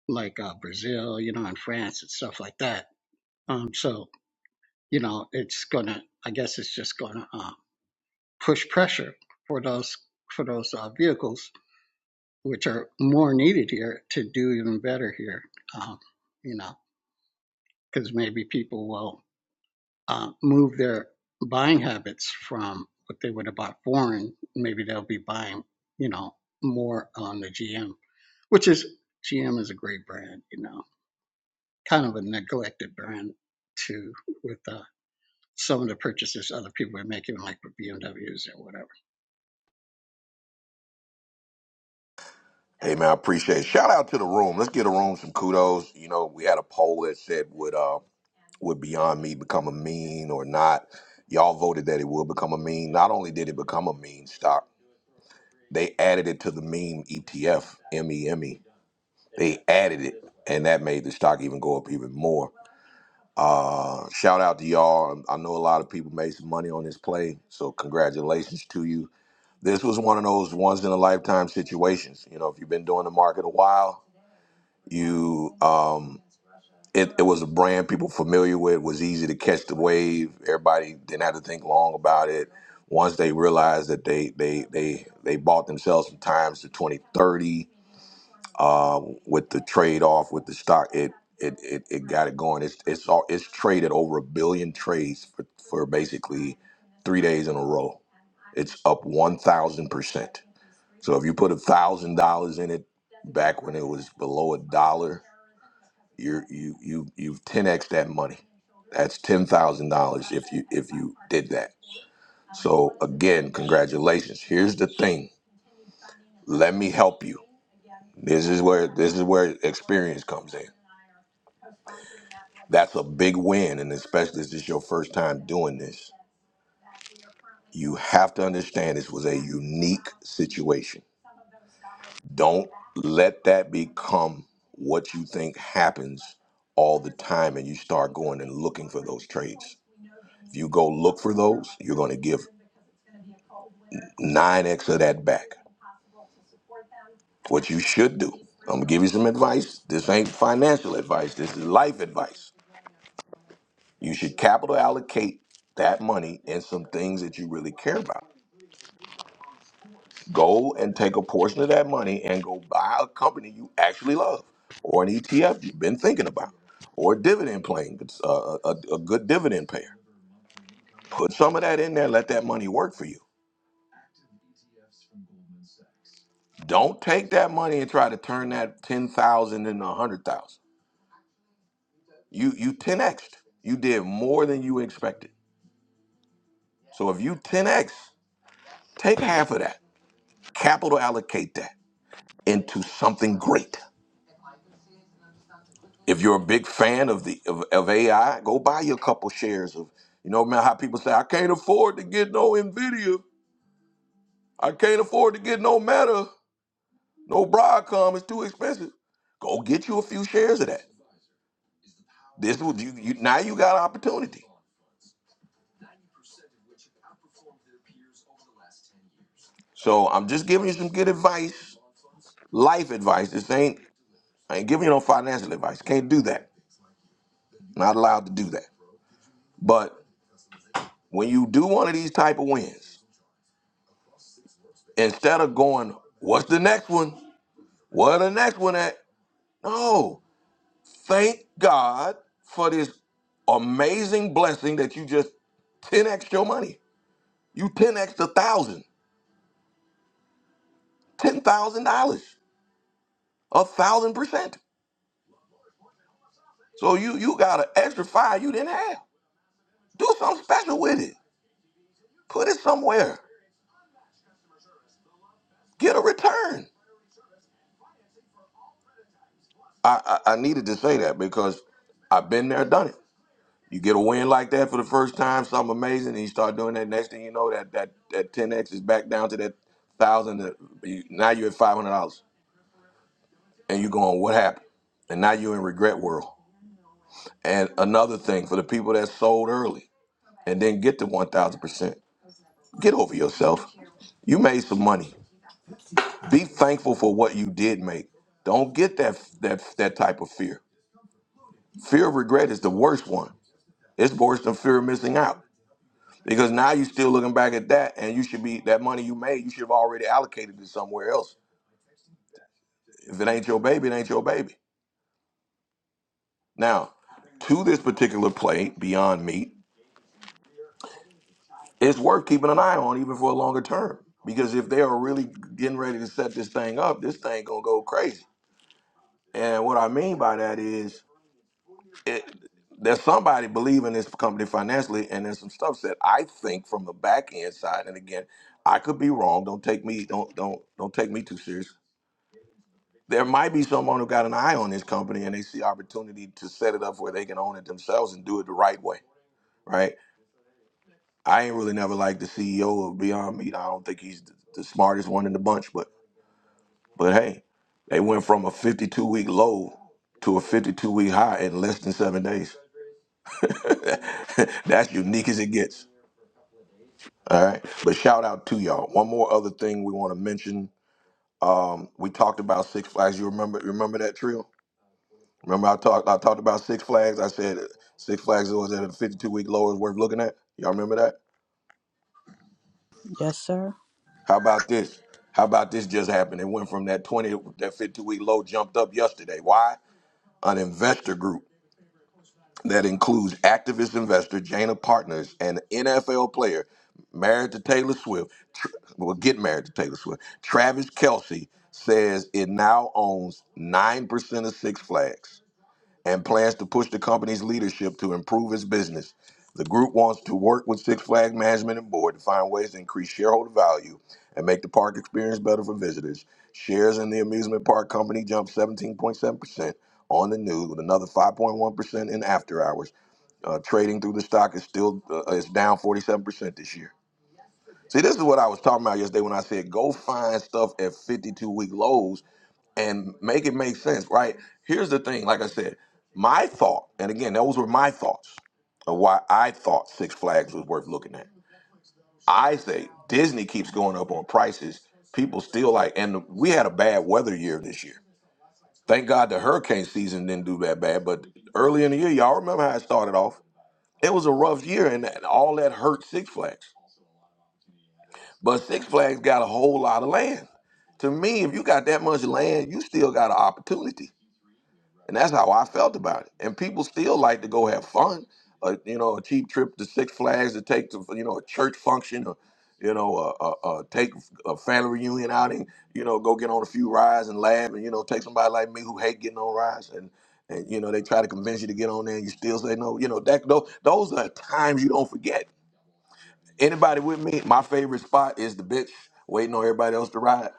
H: like uh, Brazil, you know, and France and stuff like that." Um, so you know, it's gonna, I guess, it's just gonna uh, push pressure for those for those uh, vehicles, which are more needed here to do even better here. Um, you know, because maybe people will uh, move their buying habits from what they would have bought foreign. Maybe they'll be buying, you know, more on the GM, which is GM is a great brand, you know, kind of a neglected brand too, with uh, some of the purchases other people are making, like with BMWs or whatever.
A: Hey man, I appreciate it. Shout out to the room. Let's give the room some kudos. You know, we had a poll that said would uh would Beyond Me become a meme or not. Y'all voted that it would become a meme. Not only did it become a meme stock, they added it to the meme ETF, M E M E. They added it, and that made the stock even go up even more. Uh, shout out to y'all. I know a lot of people made some money on this play, so congratulations to you. This was one of those once in a lifetime situations. You know, if you've been doing the market a while, you um, it, it was a brand people familiar with. It was easy to catch the wave. Everybody didn't have to think long about it. Once they realized that they they they they bought themselves some times to 2030 uh, with the trade off with the stock, it it, it it got it going. It's it's all it's traded over a billion trades for, for basically three days in a row. It's up one thousand percent. So if you put a thousand dollars in it back when it was below a dollar, you're you you you've ten x that money. That's ten thousand dollars if you if you did that. So again, congratulations. Here's the thing. Let me help you. This is where this is where experience comes in That's a big win, and especially if this is your first time doing this. You have to understand this was a unique situation. Don't let that become what you think happens all the time and you start going and looking for those trades. If you go look for those, you're going to give 9x of that back. What you should do, I'm going to give you some advice. This ain't financial advice, this is life advice. You should capital allocate that money in some things that you really care about Go and take a portion of that money and go buy a company you actually love, or an ETF you've been thinking about, or a dividend plan, uh, a, a good dividend payer. Put some of that in there. Let that money work for you. Don't take that money and try to turn that ten thousand into a hundred thousand. You you ten xed. You did more than you expected. So if you ten x, take half of that, capital allocate that into something great. if you're a big fan of the of, of AI, go buy you a couple shares of. You know, man, how people say, I can't afford to get no Nvidia. I can't afford to get no Meta, no Broadcom. It's too expensive. Go get you a few shares of that. This would you, you now you got opportunity. So I'm just giving you some good advice, life advice. This ain't I ain't giving you no financial advice. Can't do that. Not allowed to do that. But when you do one of these type of wins, instead of going, what's the next one? Where the next one at? No. Thank God for this amazing blessing that you just 10x your money. You 10x a thousand, ten thousand dollars, a thousand percent. So you you got an extra five you didn't have. Do something special with it. Put it somewhere. Get a return. I, I I needed to say that because I've been there, done it. You get a win like that for the first time, something amazing, and you start doing that. Next thing you know, that that that 10x is back down to that thousand. that you- Now you're at five hundred dollars, and you're going, "What happened?" And now you're in regret world. And another thing for the people that sold early and then get to one thousand percent, get over yourself. You made some money. Be thankful for what you did make. Don't get that that that type of fear. Fear of regret is the worst one. It's worse than fear of missing out. Because now you're still looking back at that, and you should be that money you made. You should have already allocated it somewhere else. If it ain't your baby, it ain't your baby. Now, to this particular play, Beyond Meat, it's worth keeping an eye on even for a longer term. Because if they are really getting ready to set this thing up, this thing gonna go crazy. And what I mean by that is, it, there's somebody believing this company financially, and there's some stuff that I think from the back end side. And again, I could be wrong. Don't take me don't don't don't take me too serious. there might be someone who got an eye on this company and they see opportunity to set it up where they can own it themselves and do it the right way, right? I ain't really never liked the CEO of Beyond Meat. I don't think he's the, the smartest one in the bunch, but but hey, they went from a 52 week low to a 52 week high in less than seven days. That's unique as it gets. All right. But shout out to y'all. One more other thing we want to mention. Um, we talked about Six Flags. You remember remember that trio? Remember, I talked I talked about Six Flags. I said Six Flags was at a 52 week low is worth looking at. Y'all remember that?
B: Yes, sir.
A: How about this? How about this just happened? It went from that 20 that 52 week low jumped up yesterday. Why? An investor group that includes activist investor Jana Partners and NFL player married to Taylor Swift, tr- well, get married to Taylor Swift. Travis Kelsey says it now owns nine percent of Six Flags. and plans to push the company's leadership to improve its business. The group wants to work with Six Flags management and board to find ways to increase shareholder value and make the park experience better for visitors. Shares in the amusement park company jumped 17.7% on the news, with another 5.1% in after hours. Uh, trading through the stock is still uh, is down 47% this year. See, this is what I was talking about yesterday when I said go find stuff at 52 week lows and make it make sense, right? Here's the thing, like I said, my thought, and again, those were my thoughts of why I thought Six Flags was worth looking at. I say Disney keeps going up on prices. People still like, and we had a bad weather year this year. Thank God the hurricane season didn't do that bad, but early in the year, y'all remember how it started off? It was a rough year, and and all that hurt Six Flags. But Six Flags got a whole lot of land. To me, if you got that much land, you still got an opportunity. And that's how I felt about it. And people still like to go have fun. Uh, you know, a cheap trip to Six Flags to take to, you know, a church function or, you know, uh, uh, uh, take a family reunion outing, you know, go get on a few rides and laugh and, you know, take somebody like me who hate getting on rides and, and you know, they try to convince you to get on there and you still say no. You know, that those, those are times you don't forget Anybody with me? My favorite spot is the bitch waiting on everybody else to ride.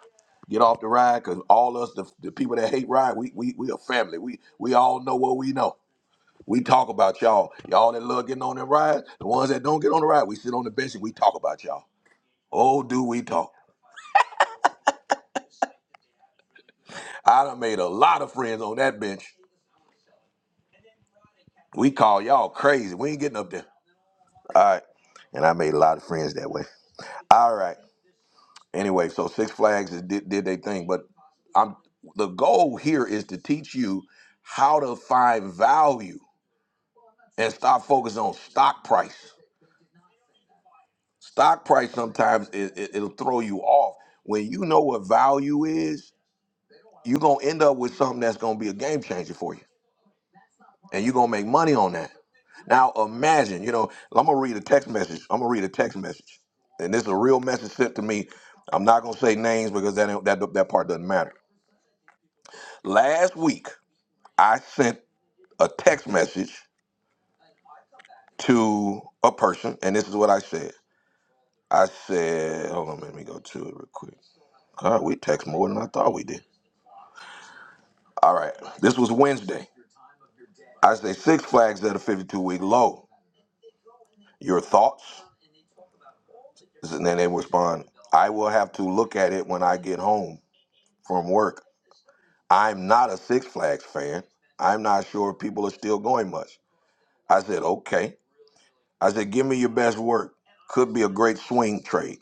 A: Get off the ride, cause all us the, the people that hate ride, we we we a family. We we all know what we know. We talk about y'all. Y'all that love getting on the ride, the ones that don't get on the ride, we sit on the bench and we talk about y'all. Oh, do we talk? I done made a lot of friends on that bench. We call y'all crazy. We ain't getting up there. All right. And I made a lot of friends that way. All right. anyway, so Six Flags is, did did they thing, but I'm the goal here is to teach you how to find value and stop focusing on stock price. Stock price sometimes it, it, it'll throw you off. When you know what value is, you're gonna end up with something that's gonna be a game changer for you, and you're gonna make money on that. Now imagine, you know, I'm gonna read a text message. I'm gonna read a text message, and this is a real message sent to me. I'm not gonna say names because that ain't- that that part doesn't matter. Last week. I sent a text message to a person, and this is what I said. I said, hold on, let me go to it real quick. God, we text more than I thought we did. All right, this was Wednesday. I say Six Flags at a 52 week low. Your thoughts? And then they respond, I will have to look at it when I get home from work. I'm not a Six Flags fan. I'm not sure if people are still going much. I said, okay. I said, give me your best work. Could be a great swing trade.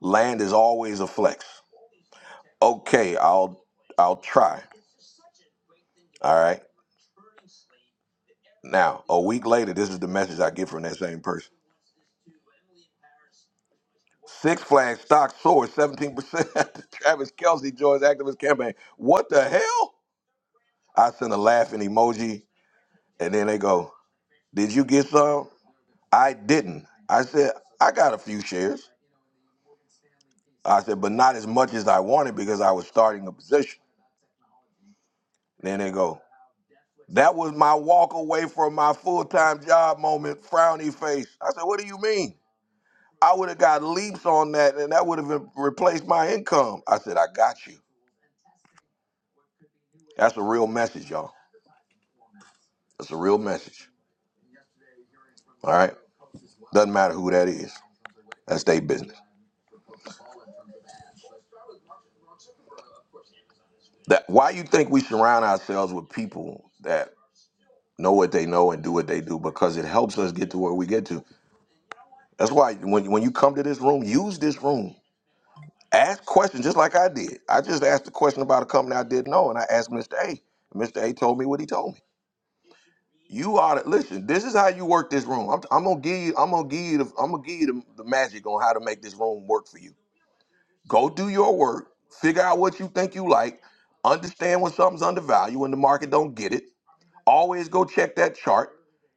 A: Land is always a flex. Okay, I'll I'll try. All right. Now, a week later, this is the message I get from that same person. Six Flags stock soared 17% after Travis Kelsey joins activist campaign. What the hell? I sent a laughing emoji, and then they go, Did you get some? I didn't. I said, I got a few shares. I said, but not as much as I wanted because I was starting a position. Then they go, That was my walk away from my full time job moment, frowny face. I said, What do you mean? I would have got leaps on that and that would have replaced my income. I said, I got you. That's a real message, y'all. That's a real message. All right? Doesn't matter who that is. That's their business. That why you think we surround ourselves with people that know what they know and do what they do because it helps us get to where we get to. That's why when when you come to this room, use this room. Ask questions just like I did. I just asked a question about a company I didn't know, and I asked Mr. A. Mr. A told me what he told me. You ought to listen. This is how you work this room. I'm, I'm gonna give you. I'm gonna give you. The, I'm gonna give you the, the magic on how to make this room work for you. Go do your work. Figure out what you think you like. Understand when something's undervalued when the market don't get it. Always go check that chart.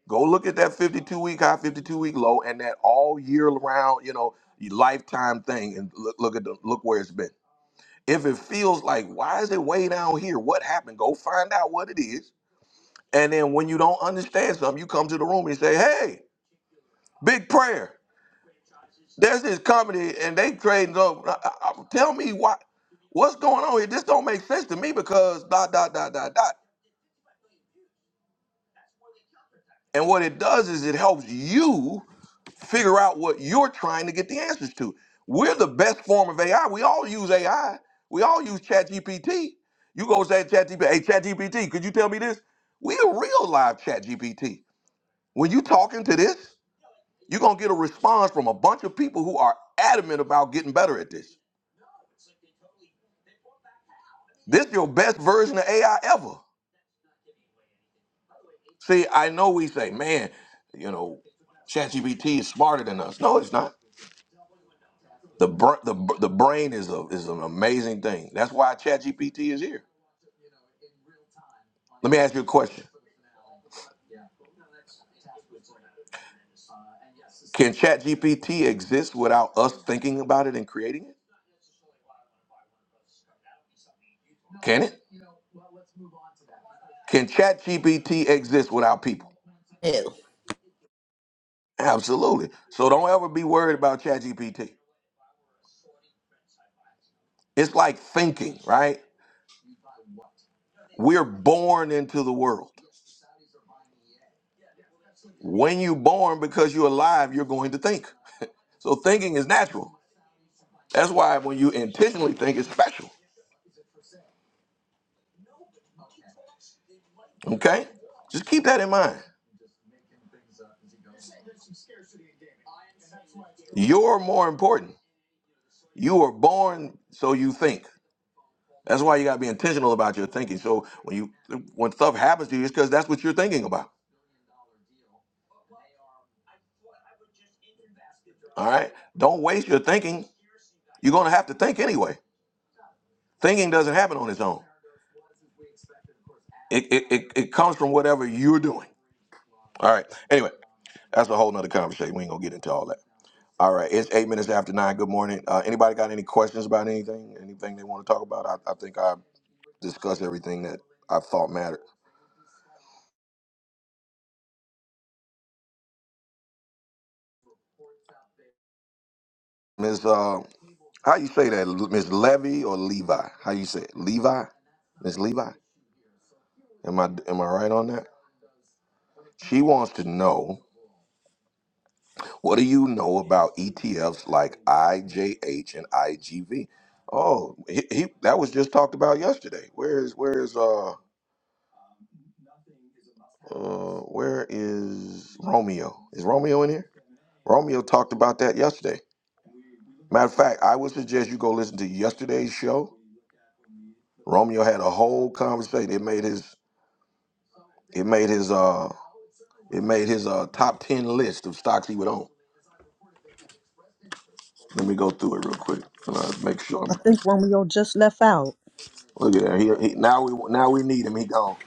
A: Go look at that 52 week high, 52 week low, and that all year round, you know, lifetime thing, and look, look at the look where it's been. If it feels like, why is it way down here? What happened? Go find out what it is. And then when you don't understand something, you come to the room and say, hey, big prayer. There's this company and they trading up. I- I- I- Tell me why, what's going on here? This don't make sense to me because dot, dot, dot, dot, dot. And what it does is it helps you figure out what you're trying to get the answers to. We're the best form of AI. We all use AI. We all use ChatGPT. You go say ChatGPT, hey ChatGPT, could you tell me this? We a real live ChatGPT. When you talking to this, you're gonna get a response from a bunch of people who are adamant about getting better at this. This your best version of AI ever. See, I know we say, man, you know, ChatGPT is smarter than us. No, it's not. The br- the the brain is a is an amazing thing. That's why ChatGPT is here. Let me ask you a question. Can ChatGPT exist without us thinking about it and creating it? Can it? Can ChatGPT exist without people?
D: Ew.
A: Absolutely. So don't ever be worried about ChatGPT. It's like thinking, right? We're born into the world. When you're born, because you're alive, you're going to think. So thinking is natural. That's why when you intentionally think, it's special. Okay? Just keep that in mind. You're more important. You were born so you think. That's why you got to be intentional about your thinking. So when you when stuff happens to you, it's because that's what you're thinking about. All right. Don't waste your thinking. You're gonna have to think anyway. Thinking doesn't happen on its own. It it, it, it comes from whatever you're doing. All right. Anyway, that's a whole nother conversation. We ain't gonna get into all that. All right. It's eight minutes after nine. Good morning. Uh, anybody got any questions about anything? Anything they want to talk about? I, I think I discussed everything that I thought mattered. Miss uh, how you say that, L- Miss Levy or Levi? How you say it? Levi? Miss Levi? Am I am I right on that? She wants to know what do you know about ETFs like IJH and IGV? Oh, he, he that was just talked about yesterday. Where is where is uh uh where is Romeo? Is Romeo in here? Romeo talked about that yesterday. Matter of fact, I would suggest you go listen to yesterday's show. Romeo had a whole conversation. It made his It made his uh it made his uh top ten list of stocks he would own. Let me go through it real quick. And I make sure I'm
B: I think Romeo just left out.
A: look at that. He, he now we now we need him. He gone.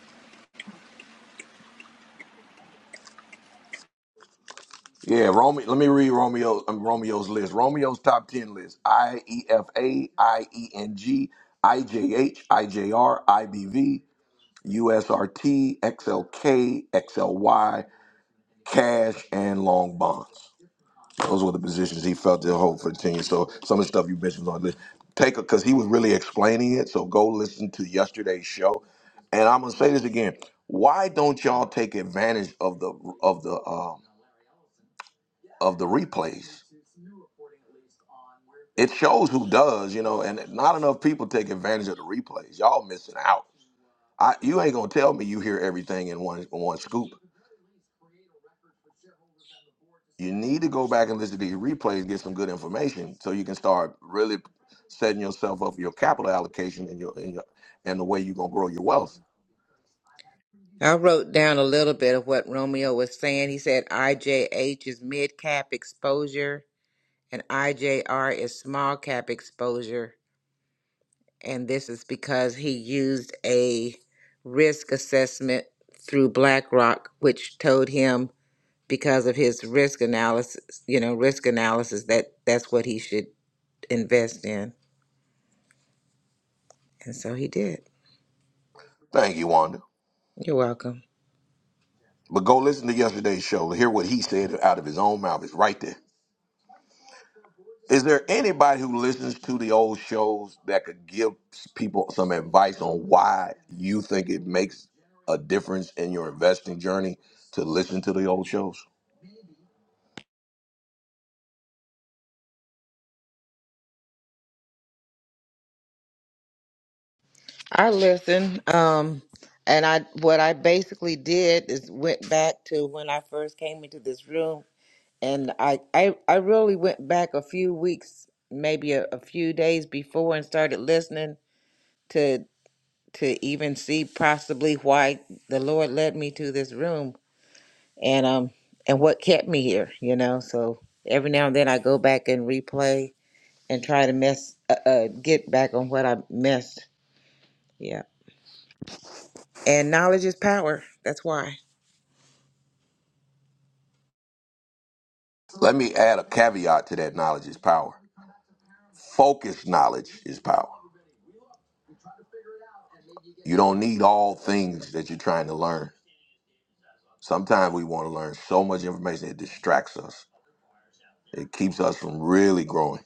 A: Yeah, Romeo. Let me read Romeo um, Romeo's list. Romeo's top ten list: I E F A I E N G I J H I J R I B V U S R T X L K X L Y Cash and Long Bonds. Those were the positions he felt to hold for the team. So some of the stuff you mentioned was on this. Take a because he was really explaining it. So go listen to yesterday's show. And I'm gonna say this again. Why don't y'all take advantage of the of the um, of the replays? It shows who does, you know, and not enough people take advantage of the replays. Y'all missing out. I, you ain't gonna tell me you hear everything in one in one scoop. you need to go back and listen to your replays, get some good information, so you can start really setting yourself up for your capital allocation and your and, your, and the way you're gonna grow your wealth.
E: I wrote down a little bit of what Romeo was saying. He said IJH is mid cap exposure and IJR is small cap exposure. And this is because he used a risk assessment through BlackRock, which told him because of his risk analysis, you know, risk analysis that that's what he should invest in. And so he did.
A: Thank you, Wanda.
E: You're welcome.
A: But go listen to yesterday's show. Hear what he said out of his own mouth. It's right there. Is there anybody who listens to the old shows that could give people some advice on why you think it makes a difference in your investing journey to listen to the old shows?
E: I listened. Um, and I what I basically did is went back to when I first came into this room, and I I, I really went back a few weeks, maybe a, a few days before, and started listening to to even see possibly why the Lord led me to this room and um and what kept me here you know so every now and then i go back and replay and try to mess uh, uh get back on what i missed yeah and knowledge is power that's why
A: Let me add a caveat to that knowledge is power. Focused knowledge is power. You don't need all things that you're trying to learn. Sometimes we want to learn so much information it distracts us. It keeps us from really growing.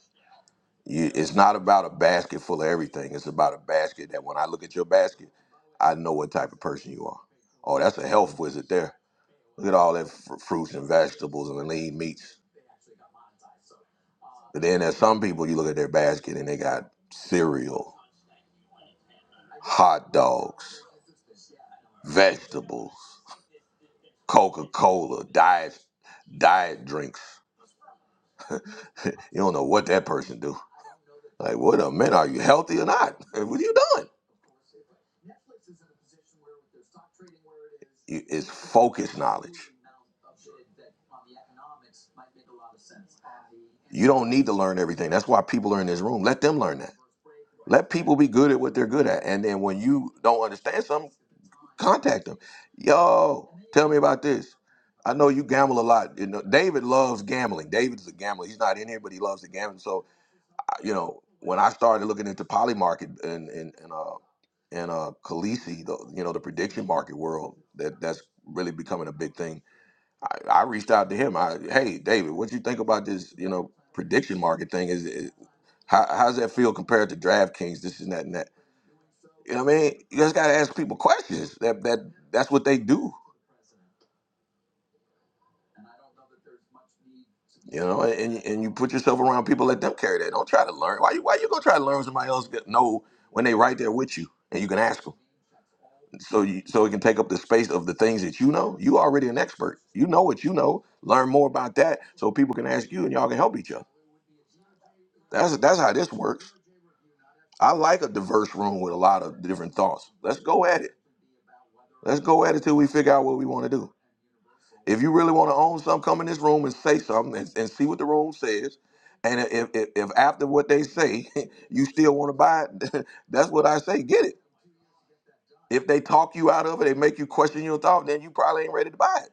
A: You, it's not about a basket full of everything. It's about a basket that when I look at your basket, I know what type of person you are. Oh, that's a health wizard there. Look at all that fr- fruits and vegetables and lean meats. But then there's some people you look at their basket and they got cereal, hot dogs, vegetables. Coca Cola, diet, diet drinks. You don't know what that person do. Like, what a man, are you healthy or not? What are you doing? You- It's focused knowledge. You don't need to learn everything. That's why people are in this room. Let them learn that. Let people be good at what they're good at. And then when you don't understand something, contact them. Yo, tell me about this. I know you gamble a lot. You know, David loves gambling. David's a gambler. He's not in here, but he loves to gamble. So you know, when I started looking into poly market and and and uh and uh Khaleesi, the you know the prediction market world that that's really becoming a big thing. I, I reached out to him. I hey David, what you think about this? You know prediction market thing is, is how how's that feel compared to DraftKings? This and that and that. You know what I mean? You just gotta ask people questions. That that that's what they do. You know, and and you put yourself around people, let them carry that. Don't try to learn. Why you why you gonna try to learn when somebody else that know when they right there with you and you can ask them. so you so it can take up the space of the things that you know. You already an expert. You know what you know. Learn more about that so people can ask you and y'all can help each other. That's that's how this works. I like a diverse room with a lot of different thoughts. Let's go at it. Let's go at it till we figure out what we want to do. If you really want to own something, come in this room and say something and, and see what the room says. And if, if, if after what they say, you still want to buy it, that's what I say. Get it. If they talk you out of it, they make you question your thought, then you probably ain't ready to buy it.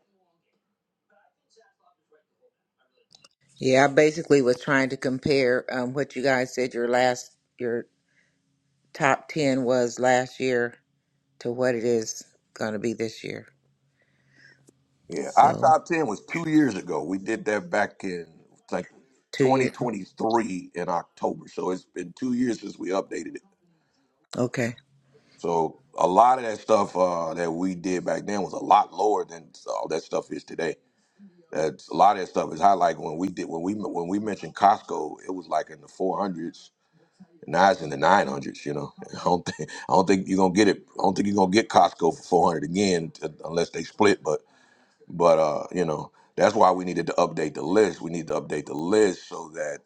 E: yeah i basically was trying to compare um what you guys said your last your top 10 was last year to what it is going to be this year
A: Yeah, our
E: so
A: top ten was two years ago. We did that back in like
E: two years.
A: 2023 in October. So it's been two years since we updated it. So a lot of that stuff uh, that we did back then was a lot lower than all that stuff is today. That's a lot of that stuff is high. Like when we did when we when we mentioned Costco, it was like in the 400s. Now it's in the 900s. You know, I don't think I don't think you're gonna get it. I don't think you're gonna get Costco for 400 again uh, unless they split. But But uh, you know, that's why we needed to update the list. We need to update the list so that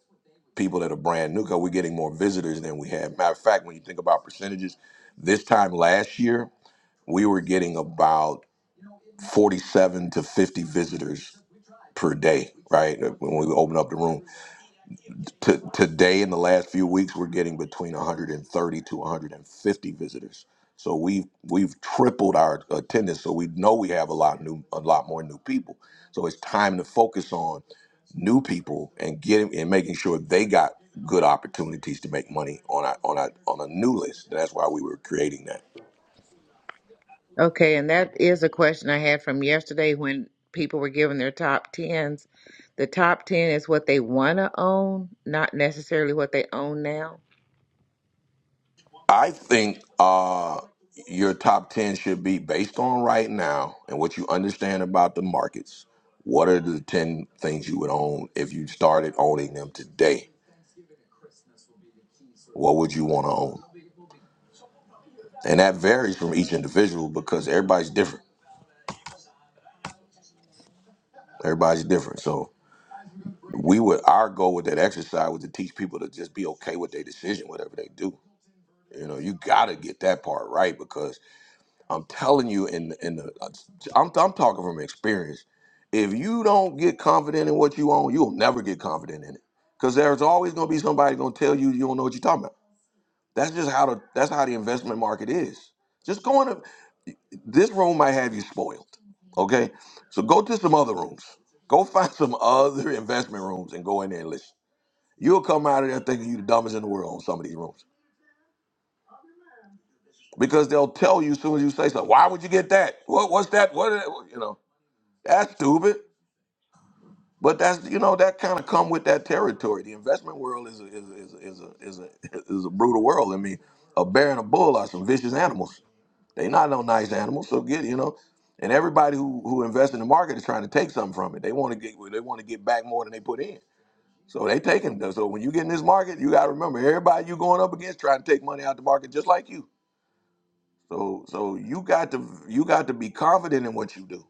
A: people that are brand new, because we're getting more visitors than we had. Matter of fact, when you think about percentages, this time last year we were getting about forty-seven to fifty visitors per day, right? When we opened up the room, to, today, in the last few weeks, we're getting between 130 to 150 visitors. So we've we've tripled our attendance. So we know we have a lot new, a lot more new people. So it's time to focus on new people and getting and making sure they got good opportunities to make money on our on our on a new list. That's why we were creating that.
E: Okay, and that is a question I had from yesterday when people were giving their top tens. The top ten is what they want to own, not necessarily what they own now.
A: I think uh, your top 10 should be based on right now and what you understand about the markets. What are the 10 things you would own if you started owning them today? What would you want to own? And that varies from each individual because everybody's different. Everybody's different. So we would our goal with that exercise was to teach people to just be okay with their decision, whatever they do. You know, you gotta get that part right because I'm telling you, in in the, uh, I'm I'm talking from experience. If you don't get confident in what you own, you'll never get confident in it, because there's always going to be somebody going to tell you you don't know what you're talking about. That's just how the that's how the investment market is. Just go in. A, this room might have you spoiled. Okay, so go to some other rooms. Go find some other investment rooms and go in there and listen. You'll come out of there thinking you're the dumbest in the world on some of these rooms because they'll tell you as soon as you say something. Why would you get that? What? What's that? What? You know. That's stupid, but that's you know that kind of come with that territory. The investment world is a, is a, is a, is a, is a is a brutal world. I mean, a bear and a bull are some vicious animals. They not no nice animals. So get you know, and everybody who who invests in the market is trying to take something from it. They want to get they want to get back more than they put in. So they taking so when you get in this market, you got to remember everybody you going up against trying to take money out the market just like you. So so you got to you got to be confident in what you do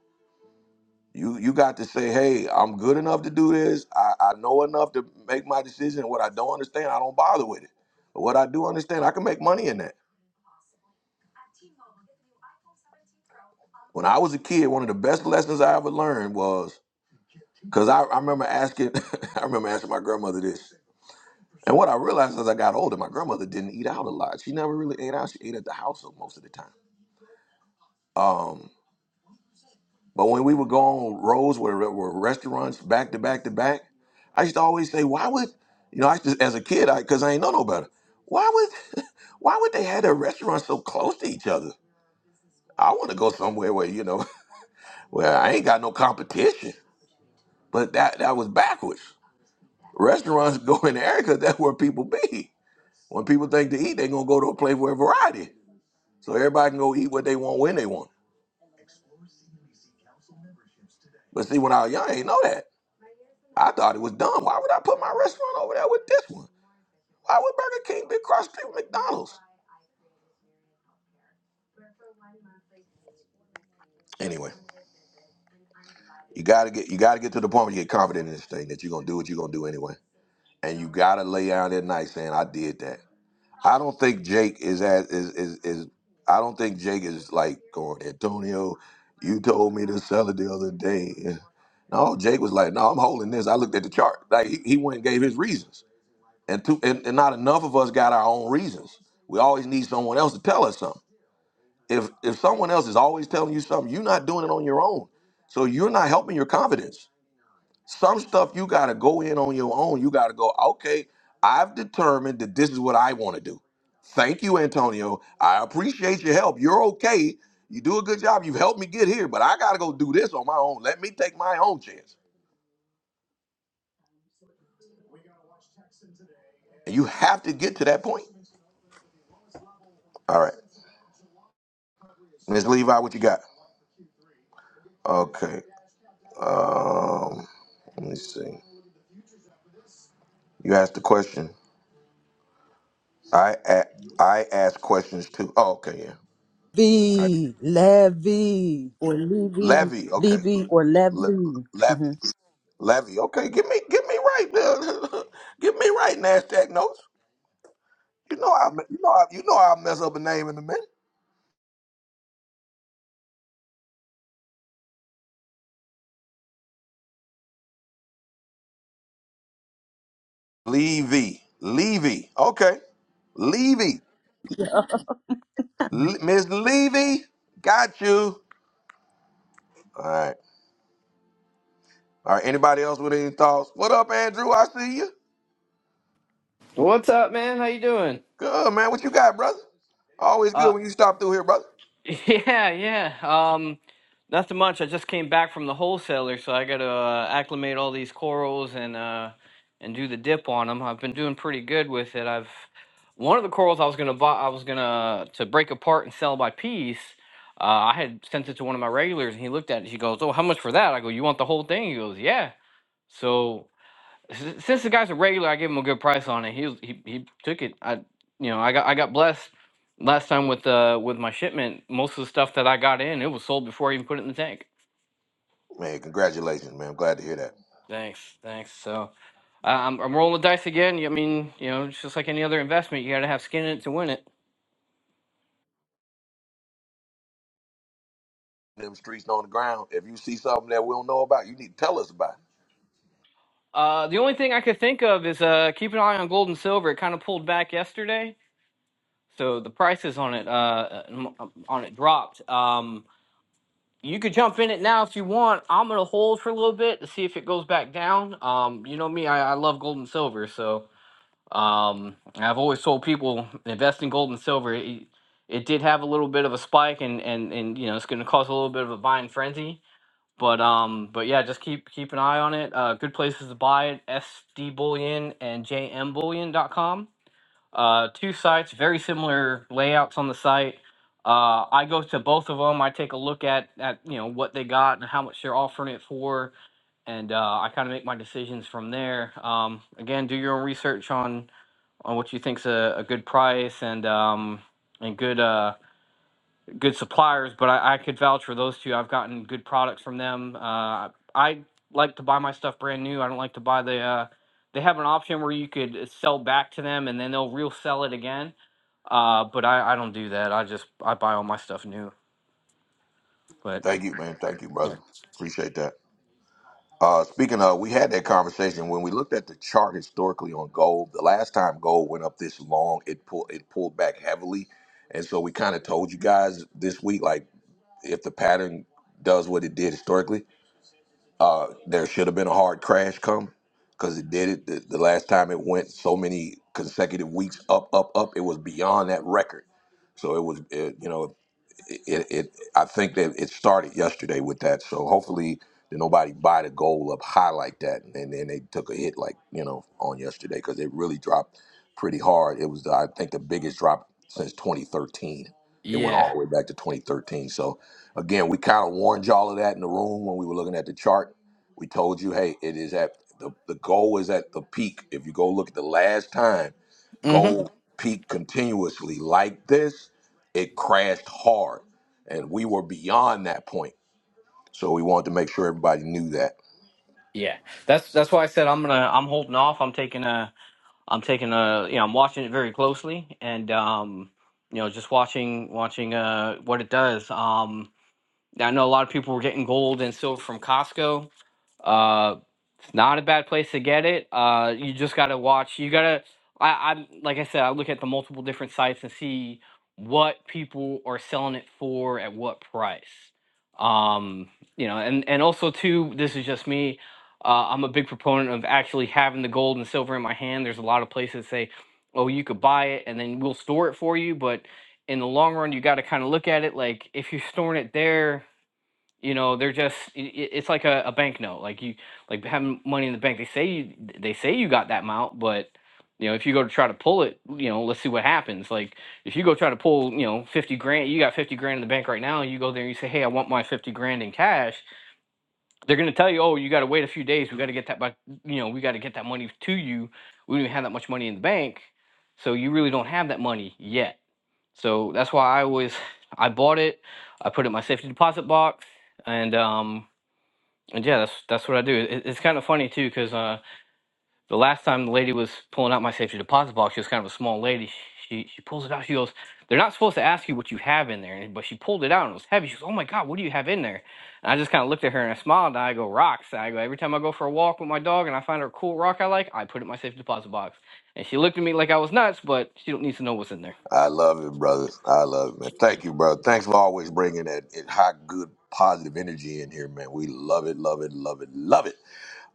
A: You you got to say, hey, I'm good enough to do this. I, I know enough to make my decision. What I don't understand, I don't bother with it. But what I do understand, I can make money in that. When I was a kid, one of the best lessons I ever learned was because I, I remember asking, I remember asking my grandmother this. And what I realized as I got older, my grandmother didn't eat out a lot. She never really ate out. She ate at the house most of the time. Um, But when we would go on roads where there were restaurants back to back to back, I used to always say, why would, you know, I used to, as a kid, I because I ain't know no better. Why would, why would they have their restaurants so close to each other? I want to go somewhere where you know, where I ain't got no competition. But that that was backwards. Restaurants go in the area 'cause that's where people be. When people think to eat, they gonna go to a place where variety. So everybody can go eat what they want when they want. But see, when I was young, I ain't know that. I thought it was dumb. Why would I put my restaurant over there with this one? Why would Burger King be across the street from McDonald's? Anyway, you gotta get you gotta get to the point where you get confident in this thing that you're gonna do what you're gonna do anyway. And you gotta lay out at night saying, I did that. I don't think Jake is as is is, is I don't think Jake is like going, Antonio, you told me to sell it the other day. No, Jake was like, No, I'm holding this. I looked at the chart. Like he, he went and gave his reasons. And, two, and and not enough of us got our own reasons. We always need someone else to tell us something. If if someone else is always telling you something, you're not doing it on your own. So you're not helping your confidence. Some stuff you gotta go in on your own. You gotta go, okay, I've determined that this is what I want to do. Thank you, Antonio. I appreciate your help. You're okay. You do a good job. You've helped me get here, but I gotta go do this on my own. Let me take my own chance. And you have to get to that point. All right. Ms. Levi, what you got? Okay. Um, let me see. You asked the question. I a- I ask questions too. Oh, okay, yeah. All right.
B: V, Levy, or Levy,
A: Levy, okay,
B: Levy, or
A: Le-
B: Levy. Mm-hmm.
A: Levy, Levy, okay. Give me, give me right, uh, get me right. Nasdaq notes. You know I, you know I, you know I'll mess up a name in a minute. Levy, Levy, okay, Levy, Le- Miss Levy, got you. All right, all right. Anybody else with any thoughts? What up, Andrew? I see you.
K: What's up, man? How you doing?
A: Good man. What you got, brother? Always good
K: Uh,
A: when you stop through here, brother.
K: yeah, yeah. Um, nothing much. I just came back from the wholesaler, so I got to uh, acclimate all these corals and uh, and do the dip on them. I've been doing pretty good with it. I've one of the corals I was gonna buy, I was gonna uh, to break apart and sell by piece. Uh, I had sent it to one of my regulars, and he looked at it. He goes, "Oh, how much for that?" I go, "You want the whole thing?" He goes, "Yeah." So s- since the guy's a regular, I gave him a good price on it. He was, he he took it. I you know I got I got blessed last time with uh with my shipment. Most of the stuff that I got in, it was sold before I even put it in the tank.
A: Man, congratulations, man. I'm glad to hear that.
K: Thanks, thanks. So I I'm I'm rolling the dice again. I mean, you know, it's just like any other investment, you got to have skin in it to win it.
A: them streets on the ground. If you see something that we don't know about, you need to tell us about it.
K: Uh, the only thing I could think of is uh keep an eye on gold and silver. It kind of pulled back yesterday, so the prices on it uh uh, m- on it dropped. Um you could jump in it now if you want. I'm gonna hold for a little bit to see if it goes back down. Um, you know me, I, I love gold and silver, so um, I've always told people invest in gold and silver. It, it did have a little bit of a spike, and and and you know it's gonna cause a little bit of a buying frenzy. But um, but yeah, just keep keep an eye on it. Uh, good places to buy it: SD Bullion and JM JMBullion.com. Uh, two sites, very similar layouts on the site. Uh, I go to both of them. I take a look at at you know what they got and how much they're offering it for, and uh, I kind of make my decisions from there. Um, again, do your own research on on what you think's a, a good price and um, and good uh, good suppliers. But I, I could vouch for those two. I've gotten good products from them. Uh, I like to buy my stuff brand new. I don't like to buy the. Uh, they have an option where you could sell back to them and then they'll resell it again uh, but I, I don't do that. I just I buy all my stuff new. But
A: Thank you, man. Thank you, brother.
K: yeah,
A: Appreciate that. Uh, speaking of, we had that conversation when we looked at the chart historically on gold. The last time gold went up this long, it pulled it pulled back heavily, and so we kind of told you guys this week, like if the pattern does what it did historically, uh, there should have been a hard crash come because it did it the, the last time it went so many consecutive weeks up up up it was beyond that record so it was it, you know it, it, it i think that it started yesterday with that so hopefully that nobody buy the gold up high like that and then they took a hit like you know on yesterday because it really dropped pretty hard it was i think the biggest drop since 2013 it went
K: yeah,
A: all the way back to 2013 so Again, we kind of warned y'all of that in the room when we were looking at the chart. We told you, hey, it is at the, the goal is at the peak. If you go look at the last time
K: hmm
A: gold peaked continuously like this, it crashed hard. And we were beyond that point. So we wanted to make sure everybody knew that.
K: yeah. That's that's why I said I'm gonna I'm holding off. I'm taking a I'm taking a you know I'm watching it very closely and um you know just watching watching uh what it does. Um, I know a lot of people were getting gold and silver from Costco. Uh, it's not a bad place to get it. Uh, you just gotta watch. You gotta. I, I'm like I said. I look at the multiple different sites and see what people are selling it for at what price. Um, you know, and and also too. This is just me. Uh, I'm a big proponent of actually having the gold and silver in my hand. There's a lot of places that say, "Oh, you could buy it, and then we'll store it for you," but in the long run, you got to kind of look at it like if you're storing it there, you know, they're just i i- it's like a, a banknote. Like you like having money in the bank. They say you they say you got that amount, but you know, if you go to try to pull it, you know, let's see what happens. Like if you go try to pull, you know, 50 grand, you got 50 grand in the bank right now, and you go there and you say, "Hey, I want my 50 grand in cash." They're going to tell you, "Oh, you got to wait a few days. We got to get that by, you know, we got to get that money to you. We don't even have that much money in the bank." So you really don't have that money yet. So that's why I always I bought it. I put it in my safety deposit box and um, and yeah, that's that's what I do. It, it's kind of funny too, because uh, the last time the lady was pulling out my safety deposit box, she was kind of a small lady. She she pulls it out. She goes, "They're not supposed to ask you what you have in there," but she pulled it out and it was heavy. She goes, "Oh my god, what do you have in there?" And I just kind of looked at her and I smiled and I go, "Rocks." I go, "Every time I go for a walk with my dog and I find a cool rock I like, I put it in my safety deposit box." And she looked at me like I was nuts, but she don't need to know what's in there.
A: I love it, brother. I love it, man. Thank you, brother. Thanks for always bringing that that high, good, positive energy in here, man. We love it, love it, love it, love it.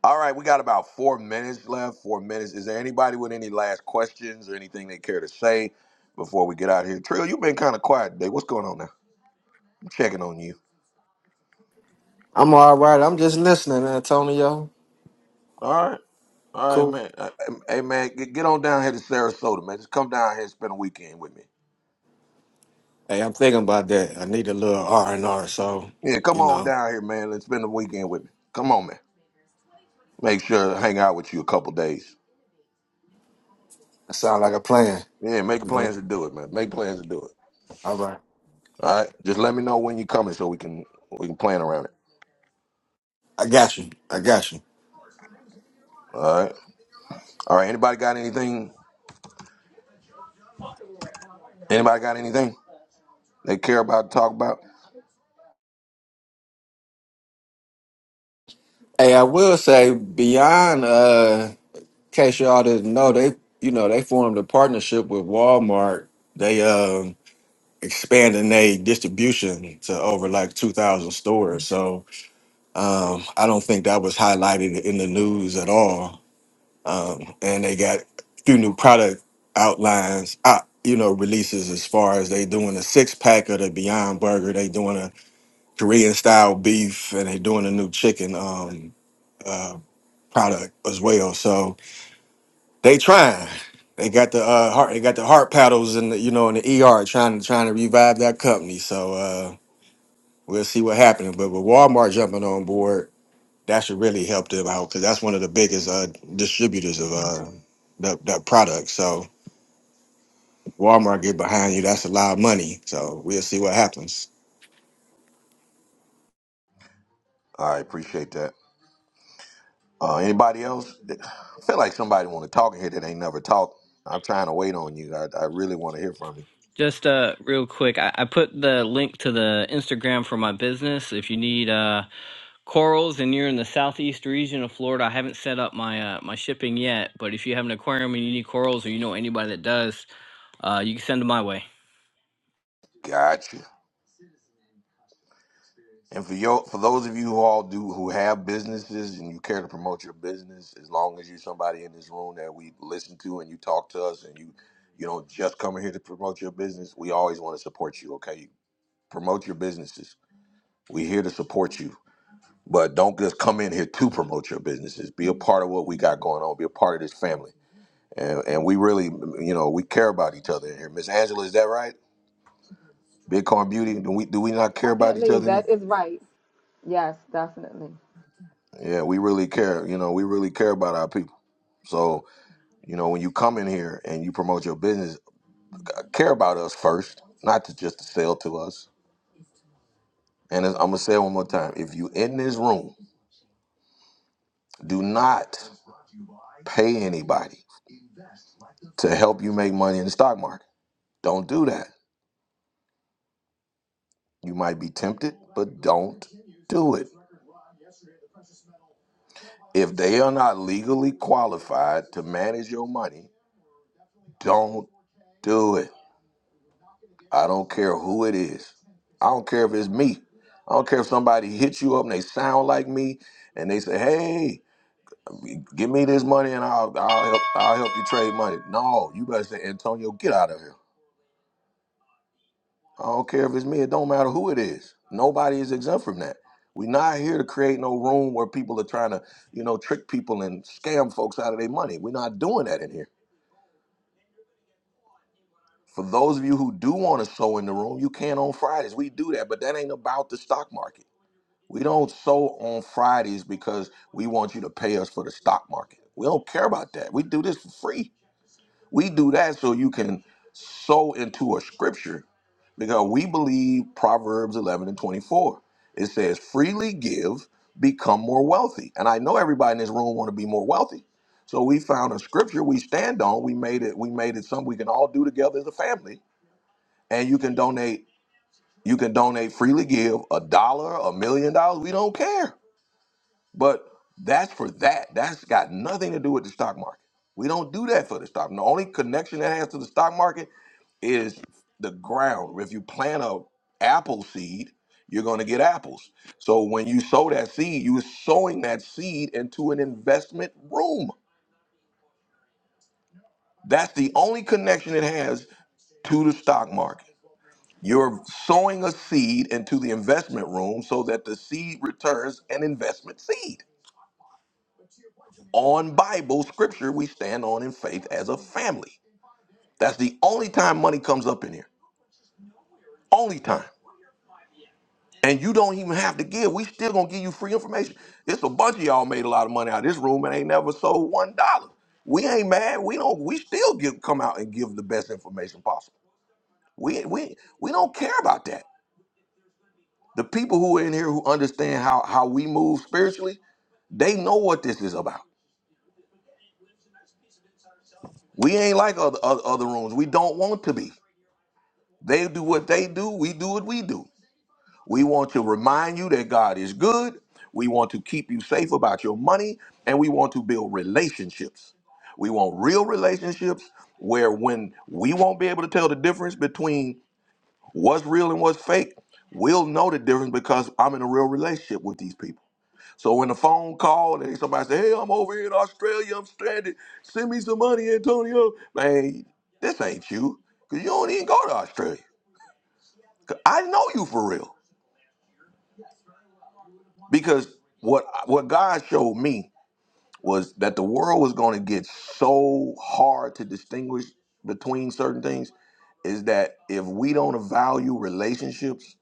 A: All right, we got about four minutes left. Four minutes. Is there anybody with any last questions or anything they care to say before we get out of here? Trill, you've been kind of quiet today. What's going on now? I'm checking on you.
I: I'm all right. I'm just listening, Antonio.
A: All right. All right,
I: Cool.
A: man. Uh, Hey, man, get get on down here to Sarasota, man. Just come down here and spend a weekend with me.
I: Hey, I'm thinking about that. I need a little R and R. So
A: Yeah, come
I: you
A: on
I: know,
A: down here, man, and spend a weekend with me. Come on, man. Make sure to hang out with you a couple days.
I: That sound like a plan.
A: Yeah, make plans to do it, man. Make plans to do it.
I: All right.
A: All right. Just let me know when you're coming so we can we can plan around it.
I: I got you. I got you.
A: All right. All right. Anybody got anything? Anybody got anything they care about to talk about?
I: Hey, I will say beyond uh in case y'all didn't know, they you know, they formed a partnership with Walmart. They um expanding their distribution to over like two thousand stores. So um I don't think that was highlighted in the news at all. Um and they got a few new product outlines out you know, releases as far as they doing a six pack of the Beyond Burger, they doing Korean style beef, and they're doing a new chicken um, uh, product as well. So they trying. They got the uh, heart. They got the heart paddles in the you know in the ER trying to trying to revive that company. So uh, we'll see what happens. But with Walmart jumping on board, that should really help them out because that's one of the biggest uh, distributors of uh, that that product. So Walmart get behind you. That's a lot of money. So we'll see what happens.
A: All right. Appreciate that. Uh, anybody else? I feel like somebody want to talk in here that ain't never talked. I'm trying to wait on you. I, I really want to hear from you.
K: Just uh, real quick, I, I put the link to the Instagram for my business. If you need uh corals and you're in the southeast region of Florida, I haven't set up my uh, my shipping yet. But if you have an aquarium and you need corals, or you know anybody that does, uh, you can send them my way.
A: Gotcha. And for your, for those of you who all do who have businesses and you care to promote your business, as long as you're somebody in this room that we listen to and you talk to us and you you don't just come here to promote your business, we always want to support you. Okay, promote your businesses. We're here to support you, but don't just come in here to promote your businesses. Be a part of what we got going on. Be a part of this family, and, and we really, you know, we care about each other in here. Miss Angela, is that right? Bitcoin Beauty, do we do we not care about each
C: Definitely,
A: other? in
C: that
A: here?
C: is right. Yes, definitely.
A: Yeah, we really care. You know, we really care about our people. So, you know, when you come in here and you promote your business, uh, care about us first, not to just to sell to us. And I'm going to say it one more time. If you in this room, do not pay anybody to help you make money in the stock market. Don't do that. You might be tempted, but don't do it. If they are not legally qualified to manage your money, don't do it. I don't care who it is. I don't care if it's me. I don't care if somebody hits you up and they sound like me and they say, "Hey, give me this money and I'll I'll help I'll help you trade money." No, you better say, "Antonio, get out of here." I don't care if it's me. It don't matter who it is. Nobody is exempt from that. We're not here to create no room where people are trying to, you know, trick people and scam folks out of their money. We're not doing that in here. For those of you who do want to sow in the room, you can on Fridays. We do that, but that ain't about the stock market. We don't sow on Fridays because we want you to pay us for the stock market. We don't care about that. We do this for free. We do that so you can sow into a scripture because we believe Proverbs 11 and 24. It says, freely give, become more wealthy. And I know everybody in this room want to be more wealthy. So we found a scripture we stand on. We made it, we made it something we can all do together as a family. And you can donate, you can donate freely give a dollar, a million dollars. We don't care but that's for that. That's got nothing to do with the stock market. We don't do that for the stock. The only connection that has to the stock market is the ground. If you plant a apple seed, you're going to get apples. So when you sow that seed, you are sowing that seed into an investment room. That's the only connection it has to the stock market. You're sowing a seed into the investment room so that the seed returns an investment seed. on Bible scripture we stand on in faith as a family. That's the only time money comes up in here. Only time. And you don't even have to give. We still gonna give you free information. It's a bunch of y'all made a lot of money out of this room and ain't never sold one dollar. We ain't mad. We don't. We still give come out and give the best information possible. We we we don't care about that. The people who are in here who understand how how we move spiritually, they know what this is about. We ain't like other other, other rooms. We don't want to be. They do what they do, we do what we do. We want to remind you that God is good. We want to keep you safe about your money, and we want to build relationships. We want real relationships where when we won't be able to tell the difference between what's real and what's fake, we'll know the difference because I'm in a real relationship with these people. So when the phone call and somebody say, "Hey, I'm over here in Australia, I'm stranded. Send me some money, Antonio." Man, this ain't you, cause you don't even go to Australia. I know you for real because what what God showed me was that the world was going to get so hard to distinguish between certain things is that if we don't value relationships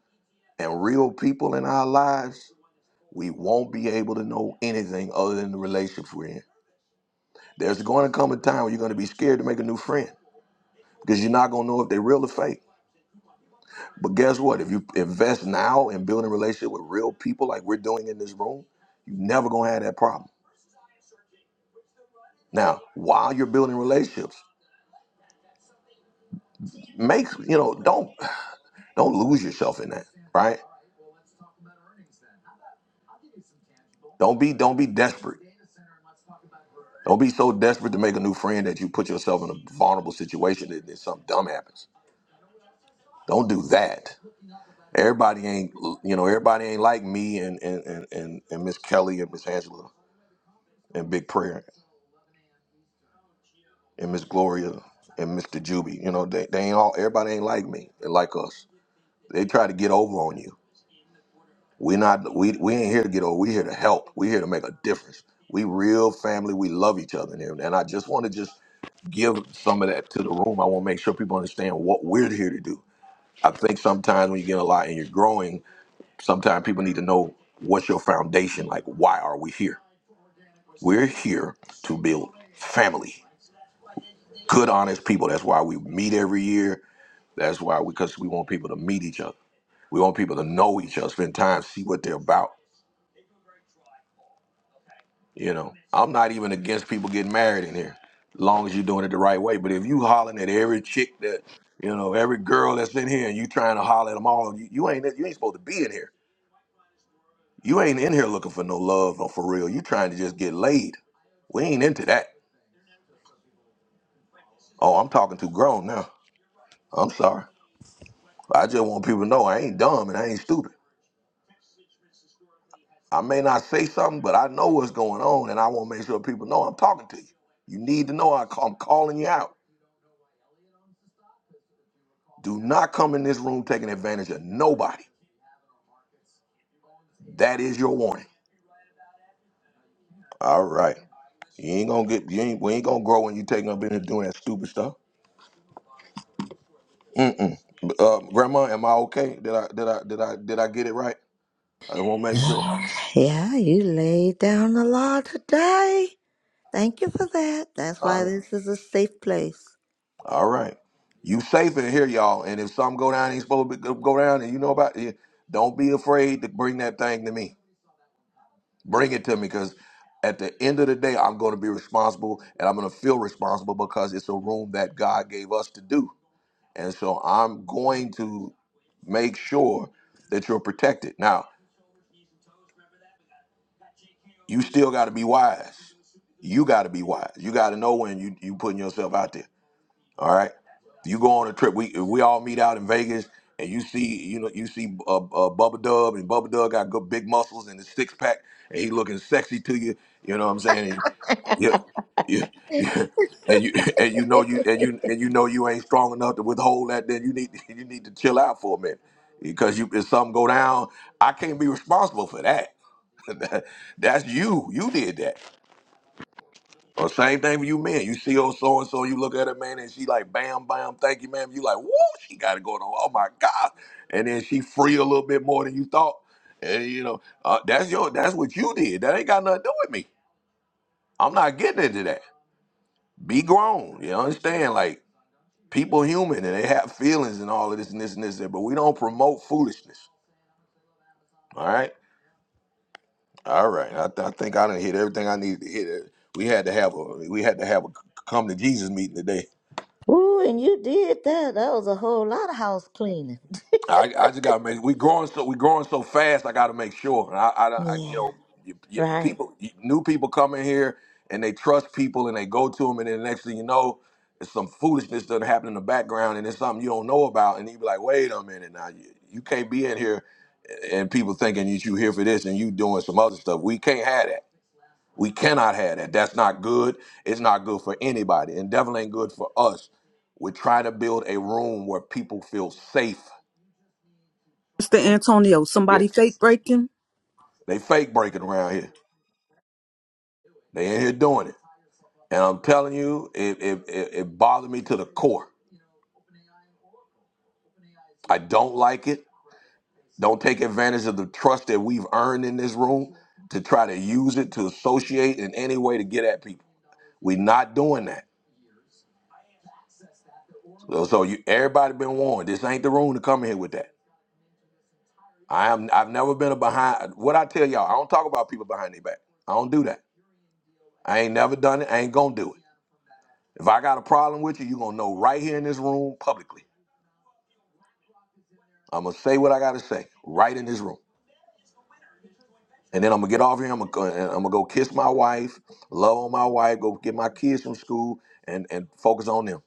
A: and real people in our lives, we won't be able to know anything other than the relationships we're in. There's going to come a time where you're going to be scared to make a new friend because you're not going to know if they're real or fake. But guess what? If you invest now in building a relationship with real people like we're doing in this room, you never gonna have that problem. Now, while you're building relationships, make you know, don't don't lose yourself in that, right? Don't be don't be desperate. Don't be so desperate to make a new friend that you put yourself in a vulnerable situation that, that something dumb happens. Don't do that. Everybody ain't you know, everybody ain't like me and and and and, and Miss Kelly and Miss Angela and Big Prayer. and Miss Gloria and Mr. Juby. You know, they, they ain't all everybody ain't like me and like us. They try to get over on you. We not we we ain't here to get over. We here to help. We here to make a difference. We real family. We love each other. And, and I just want to just give some of that to the room. I want to make sure people understand what we're here to do. I think sometimes when you get a lot and you're growing, sometimes people need to know what's your foundation. Like, why are we here? We're here to build family, good, honest people. That's why we meet every year. That's why, because we want people to meet each other. We want people to know each other, spend time, see what they're about. You know, I'm not even against people getting married in here, long as you're doing it the right way. But if you hollering at every chick that, you know, every girl that's in here, and you trying to holler at them all, you, you ain't you ain't supposed to be in here. You ain't in here looking for no love or for real. You trying to just get laid. We ain't into that. Oh, I'm talking too grown now. I'm sorry. I just want people to know I ain't dumb and I ain't stupid. I may not say something, but I know what's going on, and I want to make sure people know I'm talking to you. You need to know I ca- I'm calling you out. Do not come in this room taking advantage of nobody. That is your warning. All right. You ain't gonna get. You ain't. We ain't gonna grow when you taking up in here doing that stupid stuff. Mm-mm. Uh, Grandma, am I okay? Did I did I did I did I get it right? I want to make sure.
D: Yeah, yeah, you laid down the law today. Thank you for that. That's
A: All
D: why
A: right.
D: this is a safe place.
A: All right. You safe in here, y'all. And if something go down, ain't supposed to be, go go down, and you know about it. Don't be afraid to bring that thing to me. Bring it to me because at the end of the day, I'm going to be responsible and I'm going to feel responsible because it's a room that God gave us to do. And so I'm going to make sure that you're protected. Now, you still got to be wise. You got to be wise. You got to know when you you putting yourself out there. All right. You go on a trip. We we all meet out in Vegas, and you see you know you see uh, uh, Bubba Dub, and Bubba Dub got good big muscles and a six pack, and he looking sexy to you. You know what I'm saying? And, yeah, yeah, yeah. And you and you know you and you and you know you ain't strong enough to withhold that. Then you need you need to chill out for a minute because you if something go down, I can't be responsible for that. That's you. You did that. Well, same thing with you men. You see old so and so, you look at her man, and she like, bam, bam, thank you, ma'am. You like, woo, she got it going on. Oh my god! And then she free a little bit more than you thought. And you know, uh, that's your, that's what you did. That ain't got nothing to do with me. I'm not getting into that. Be grown. You understand? Like people human, and they have feelings and all of this and this and this. But we don't promote foolishness. All right, all right. I, th- I think I done hit everything I needed to hit. We had to have a, we had to have a come to Jesus meeting today.
D: Ooh, and you did that. That was a whole lot of house cleaning.
A: I, I just gotta make we growing so we growing so fast. I gotta make sure. And I, I, I you
D: Yeah,
A: know, you, you,
D: right.
A: people, you, new people come in here and they trust people and they go to them, and then the next thing you know, it's some foolishness that happen in the background, and it's something you don't know about, and you be like, wait a minute, now you, you can't be in here, and people thinking that you here for this and you doing some other stuff. We can't have that. We cannot have that. That's not good. It's not good for anybody, and definitely ain't good for us. We're trying to build a room where people feel safe
B: Mr. Antonio, somebody
A: Yes,
B: fake breaking?
A: they fake breaking around here. They ain't here doing it. And I'm telling you, it, it, it, it bothered me to the core. I don't like it. Don't take advantage of the trust that we've earned in this room to try to use it to associate in any way to get at people. We're not doing that. So, so you, everybody been warned. This ain't the room to come in here with that. I am. I've never been a behind. What I tell y'all, I don't talk about people behind their back. I don't do that. I ain't never done it. I ain't gonna do it. If I got a problem with you, you gonna know right here in this room publicly. I'm gonna say what I gotta say right in this room, and then I'm gonna get off here. I'm gonna go- I'm gonna go kiss my wife, love on my wife, go get my kids from school, and and focus on them.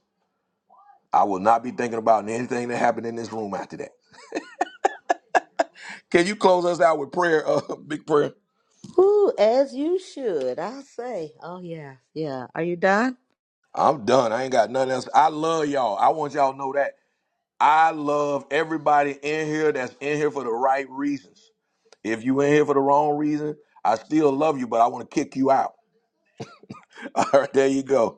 A: I will not be thinking about anything that happened in this room after that. Can you close us out with prayer, uh, big prayer?
D: Ooh, as you should, I say. Oh yeah, yeah. Are you done?
A: I'm done. I ain't got nothing else. I love y'all. I want y'all to know that I love everybody in here that's in here for the right reasons. If you in here for the wrong reason, I still love you, but I want to kick you out. All right, there you go.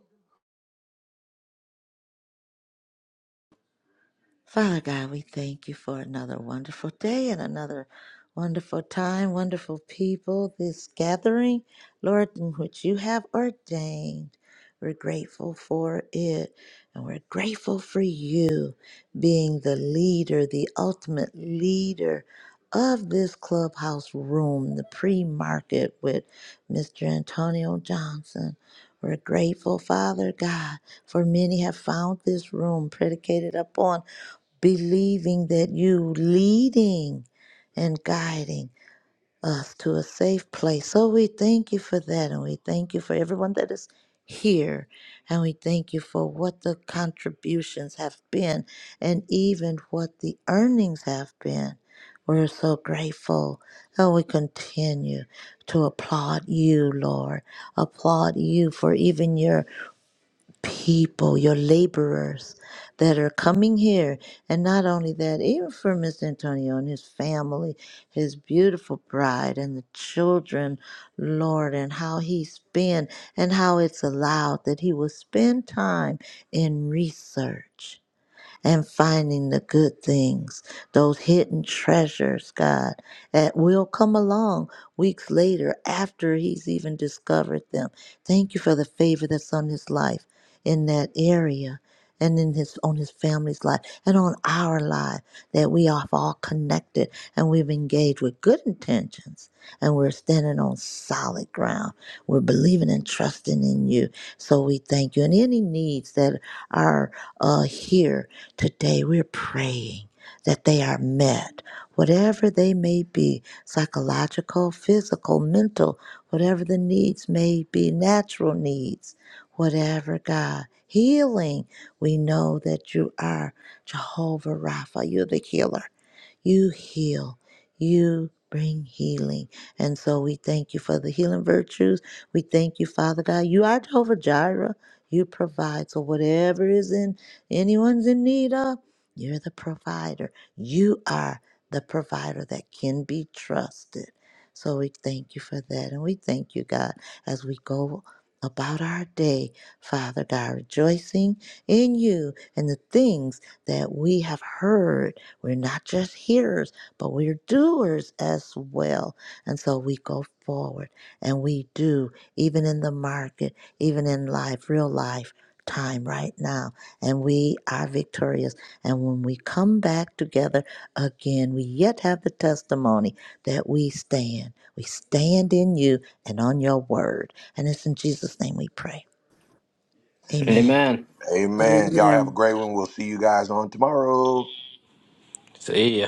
D: Father God, we thank you for another wonderful day and another wonderful time, wonderful people, this gathering, Lord, in which you have ordained. We're grateful for it, and we're grateful for you being the leader, the ultimate leader of this clubhouse room, the pre market with Mr. Antonio Johnson. We're grateful, Father God, for many have found this room predicated upon believing that you leading and guiding us to a safe place. So we thank you for that and we thank you for everyone that is here and we thank you for what the contributions have been and even what the earnings have been. We're so grateful and we continue to applaud you, Lord. Applaud you for even your people, your laborers that are coming here. And not only that, even for Miss Antonio and his family, his beautiful bride and the children, Lord, and how he's and how it's allowed that he will spend time in research and finding the good things, those hidden treasures, God, that will come along weeks later after he's even discovered them. Thank you for the favor that's on his life in that area and in his on his family's life and on our life that we are all connected and we've engaged with good intentions and we're standing on solid ground. We're believing and trusting in you. So we thank you. And any needs that are uh, here Today we're praying that they are met, whatever they may be psychological, physical, mental, whatever the needs may be, natural needs, whatever, God. Healing, we know that you are Jehovah Rapha, you're the healer. You heal. You bring healing. And so we thank you for the healing virtues. We thank you, Father God. You are Jehovah Jireh. You provide. So whatever is in anyone's in need of, you're the provider. You are the provider that can be trusted. So we thank you for that. And we thank you, God, as we go about our day, Father God, rejoicing in you and the things that we have heard we're not just hearers, but we're doers as well. And so we go forward and we do, even in the market, even in life, real life time right now. And we are victorious. And when we come back together again, we yet have the testimony that we stand. We stand in you and on your word. And it's in Jesus' name we pray. Amen.
K: Amen.
A: Amen. Y'all have a
B: Amen.
A: great one. We'll see you guys on tomorrow.
K: See ya.